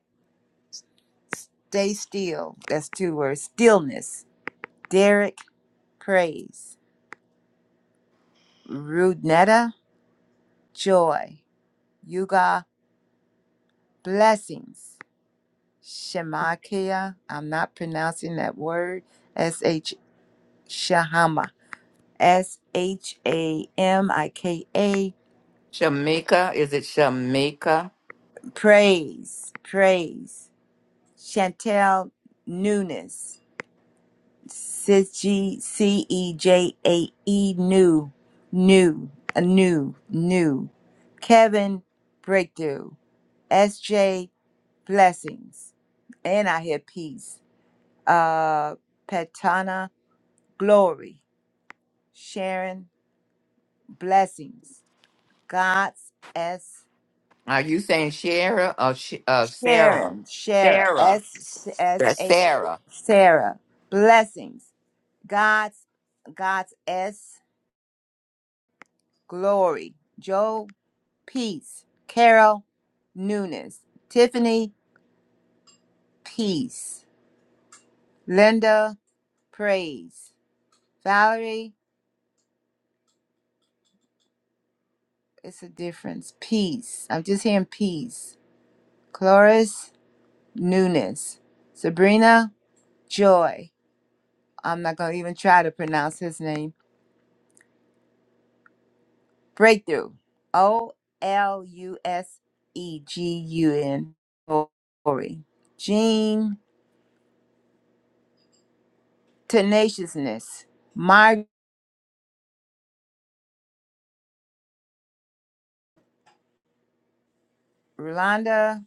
B: stay still. That's two words. Stillness. Derek, praise. Rudnetta, joy. Yuga, blessings. Shemakia, I'm not pronouncing that word. S H Shahama. S H A M I K A.
A: Shamika, is it Shamika?
B: Praise. Praise. Chantel Newness. C E J A E New. New. A new. New. Kevin Breakthrough. SJ Blessings. And I hear peace. Uh Petana Glory. Sharon Blessings. God's S
A: Are you saying Shara or Sh- uh, Sarah?
B: Sharon. Sharon.
A: Sarah.
B: S S
A: That's
B: H
A: Sarah.
B: Sarah. Blessings. God's God's S Glory, Joe Peace, Carol Newness, Tiffany Peace, Linda Praise, Valerie. It's a difference. Peace. I'm just hearing peace. Cloris Newness, Sabrina Joy. I'm not gonna even try to pronounce his name. Breakthrough. O L U S E G U N. Glory. Jean tenaciousness. My Rolanda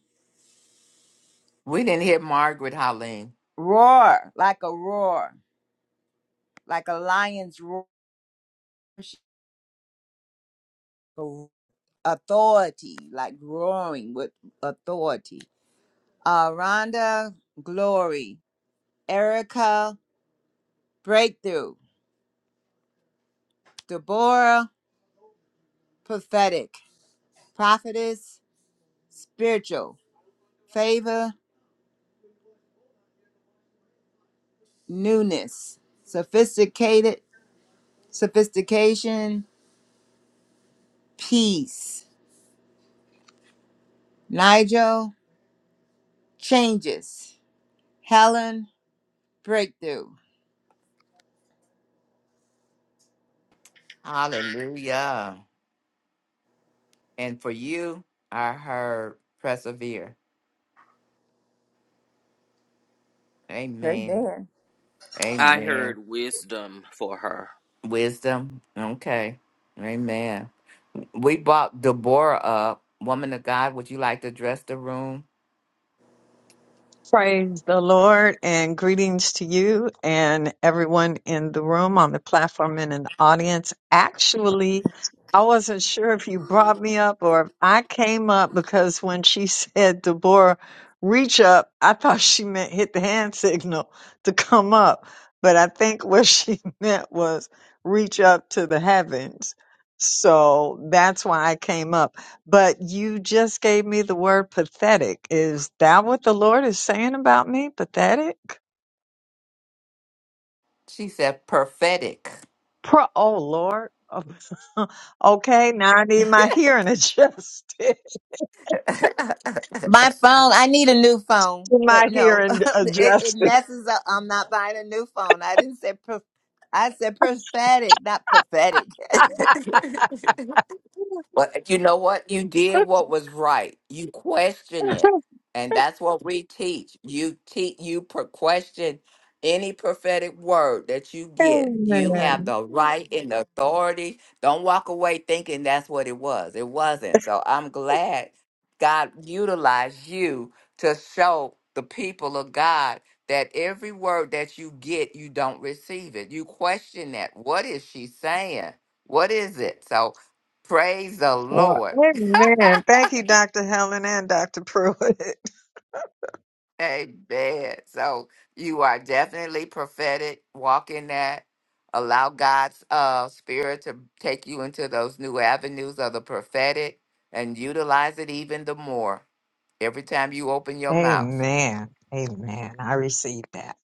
A: We didn't hear Margaret Holling.
B: roar like a roar, like a lion's roar, authority, like roaring with authority. Uh, Rhonda glory, Erica breakthrough, Deborah prophetic, prophetess spiritual, favor newness, sophisticated sophistication, peace, Nigel changes. Helen Breakthrough.
A: Hallelujah. And for you, I heard persevere. Amen.
B: Amen.
D: I
A: Amen.
D: heard wisdom for her.
A: Wisdom. Okay. Amen. We brought Deborah up. Woman of God, would you like to address the room?
H: Praise the Lord and greetings to you and everyone in the room, on the platform, and in the audience. Actually, I wasn't sure if you brought me up or if I came up because when she said, Deborah, reach up, I thought she meant hit the hand signal to come up. But I think what she meant was reach up to the heavens. So that's why I came up. But you just gave me the word pathetic. Is that what the Lord is saying about me? Pathetic?
A: She said prophetic.
H: Pro- oh, Lord. Oh, okay, now I need my hearing adjusted.
B: My phone, I need a new phone,
H: my
B: but no,
H: hearing
B: it, it
H: adjusted.
B: messes up. I'm not buying a new phone. I didn't say, prof- I said prophetic, not pathetic.
A: But you know what? You did what was right. You questioned it. And that's what we teach. You teach you per question any prophetic word that you get. You have
H: Amen.
A: the right and the authority. Don't walk away thinking that's what it was. It wasn't. So I'm glad God utilized you to show the people of God that every word that you get, you don't receive it. You question that. What is she saying? What is it? So Praise the
H: Well,
A: Lord.
H: amen. Thank you, Dr. Helen and Dr. Pruitt.
A: Amen. So you are definitely prophetic. Walk in that. Allow God's uh, spirit to take you into those new avenues of the prophetic and utilize it even the more every time you open your mouth.
H: Amen. Amen. I received that.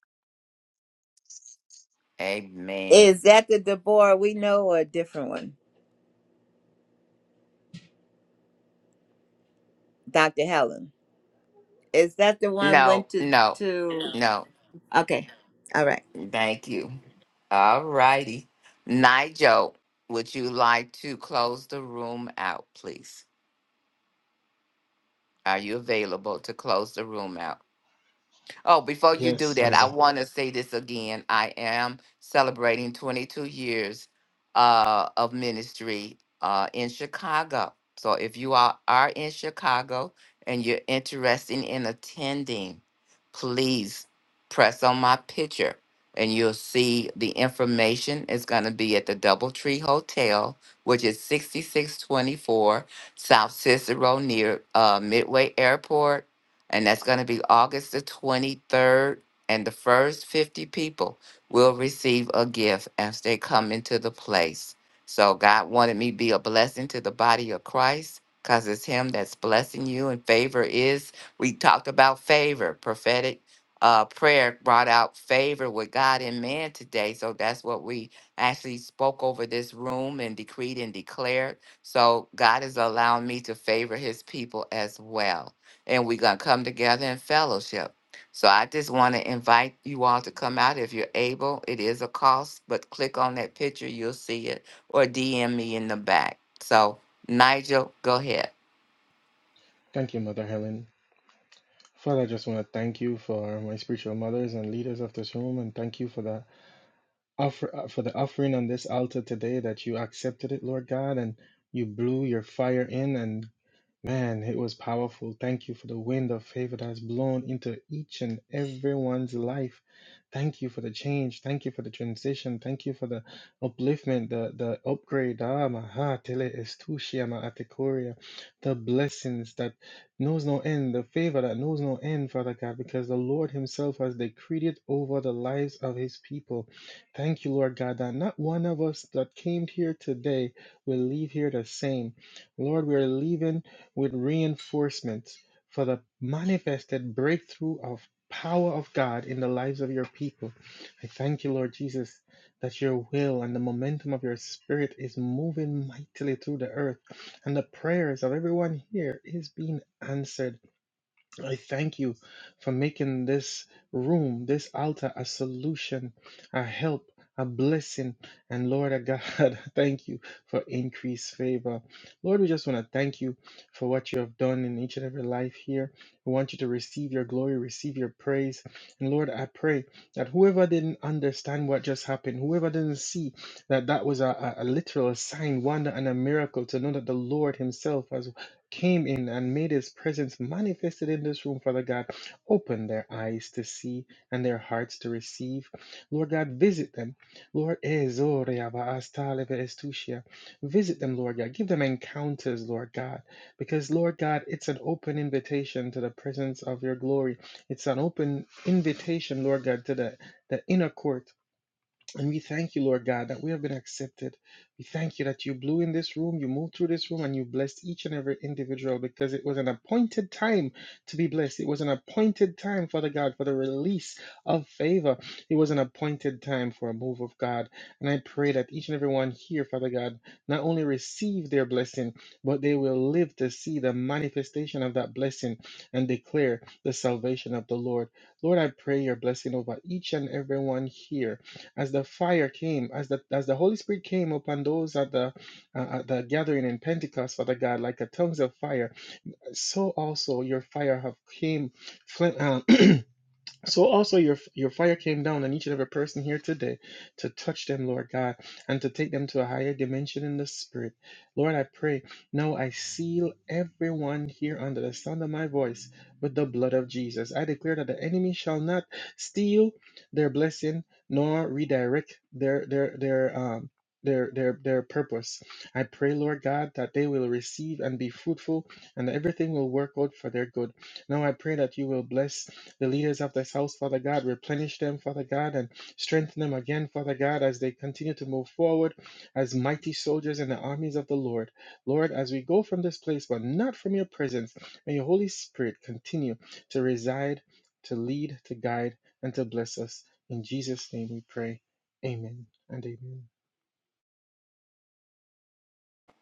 A: Amen.
B: Is that the Deborah we know or a different one? Dr. Helen. Is that the one
A: No,
B: went to,
A: no,
B: to,
A: no.
B: Okay. All right.
A: Thank you. All righty. Nigel, would you like to close the room out, please? Are you available to close the room out? Oh, before you do
C: Jesus. Yes,
A: that, I
C: Mother,
A: want to say this again. I am celebrating 22 years uh, of ministry uh, in Chicago. So if you are, are in Chicago and you're interested in attending, please press on my picture and you'll see the information. It's going to be at the Doubletree Hotel, which is 6624 South Cicero near uh, Midway Airport and that's going to be August the 23rd. And the first 50 people will receive a gift as they come into the place. So God wanted me to be a blessing to the body of Christ because it's Him that's blessing you, and favor is. We talked about favor. Prophetic uh, prayer brought out favor with God and man today. So that's what we actually spoke over this room and decreed and declared. So God is allowing me to favor His people as well and we're going to come together in fellowship. So I just want to invite you all to come out if you're able. It is a cost, but click on that picture, you'll see it, or DM me in the back. So, Nigel, go ahead.
C: Mother Helen. Father, I just want to thank you for my spiritual mothers and leaders of this room, and thank you for the offer uh, for the offering on this altar today that you accepted it, Lord God, and you blew your fire in, and Man, it was powerful. Thank you for the wind of favor that has blown into each and everyone's life. Thank you for the change. Thank you for the transition. Thank you for the upliftment, the, the upgrade. Ah, maha, tele estushia ma atekoria. The blessings that knows no end, the favor that knows no end, Father God, because the Lord Himself has decreed it over the lives of His people. Thank you, Lord God, that not one of us that came here today will leave here the same. Lord, we are leaving with reinforcements for the manifested breakthrough of power of God in the lives of your people. I thank you, Lord Jesus, that your will and the momentum of your spirit is moving mightily through the earth and the prayers of everyone here is being answered I thank you for making this room, this altar, a solution, a help, a blessing. And Lord our God, thank you for increased favor. Lord, we just want to thank you for what you have done in each and every life here. We want you to receive your glory, receive your praise. And Lord, I pray that whoever didn't understand what just happened, whoever didn't see that that was a, a, a literal sign, wonder, and a miracle to know that the Lord Himself has came in and made his presence manifested in this room, Father God. Open their eyes to see and their hearts to receive. Lord God, visit them. Lord, Ezoria ba astaleve estusia. visit them, Lord God. Give them encounters, Lord God, because, Lord God, it's an open invitation to the presence of your glory. It's an open invitation, Lord God, to the, the inner court and we thank you, Lord God, that we have been accepted. We thank you that you blew in this room, you moved through this room, and you blessed each and every individual because it was an appointed time to be blessed. It was an appointed time, Father God, for the release of favor. It was an appointed time for a move of God. And I pray that each and every one here, Father God, not only receive their blessing, but they will live to see the manifestation of that blessing and declare the salvation of the Lord. Lord, I pray your blessing over each and every one here as the fire came, as the as the Holy Spirit came upon those at the uh, at the gathering in Pentecost, Father God, like a tongues of fire, so also your fire have came fl- uh, so also your your fire came down on each and every person here today to touch them, Lord God, and to take them to a higher dimension in the spirit. Lord, I pray. Now I seal everyone here under the sound of my voice with the blood of Jesus. I declare that the enemy shall not steal their blessing nor redirect their their their um their their their purpose. I pray, Lord God, that they will receive and be fruitful and that everything will work out for their good. Now I pray that you will bless the leaders of this house, Father God. Replenish them, Father God, and strengthen them again, Father God, as they continue to move forward as mighty soldiers in the armies of the Lord. Lord, as we go from this place, but not from your presence, may your Holy Spirit continue to reside, to lead, to guide, and to bless us. In Jesus' name we pray. Amen and amen.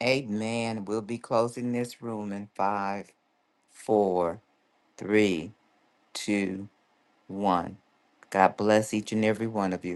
A: Amen. We'll be closing this room in five, four, three, two, one. God bless each and every one of you.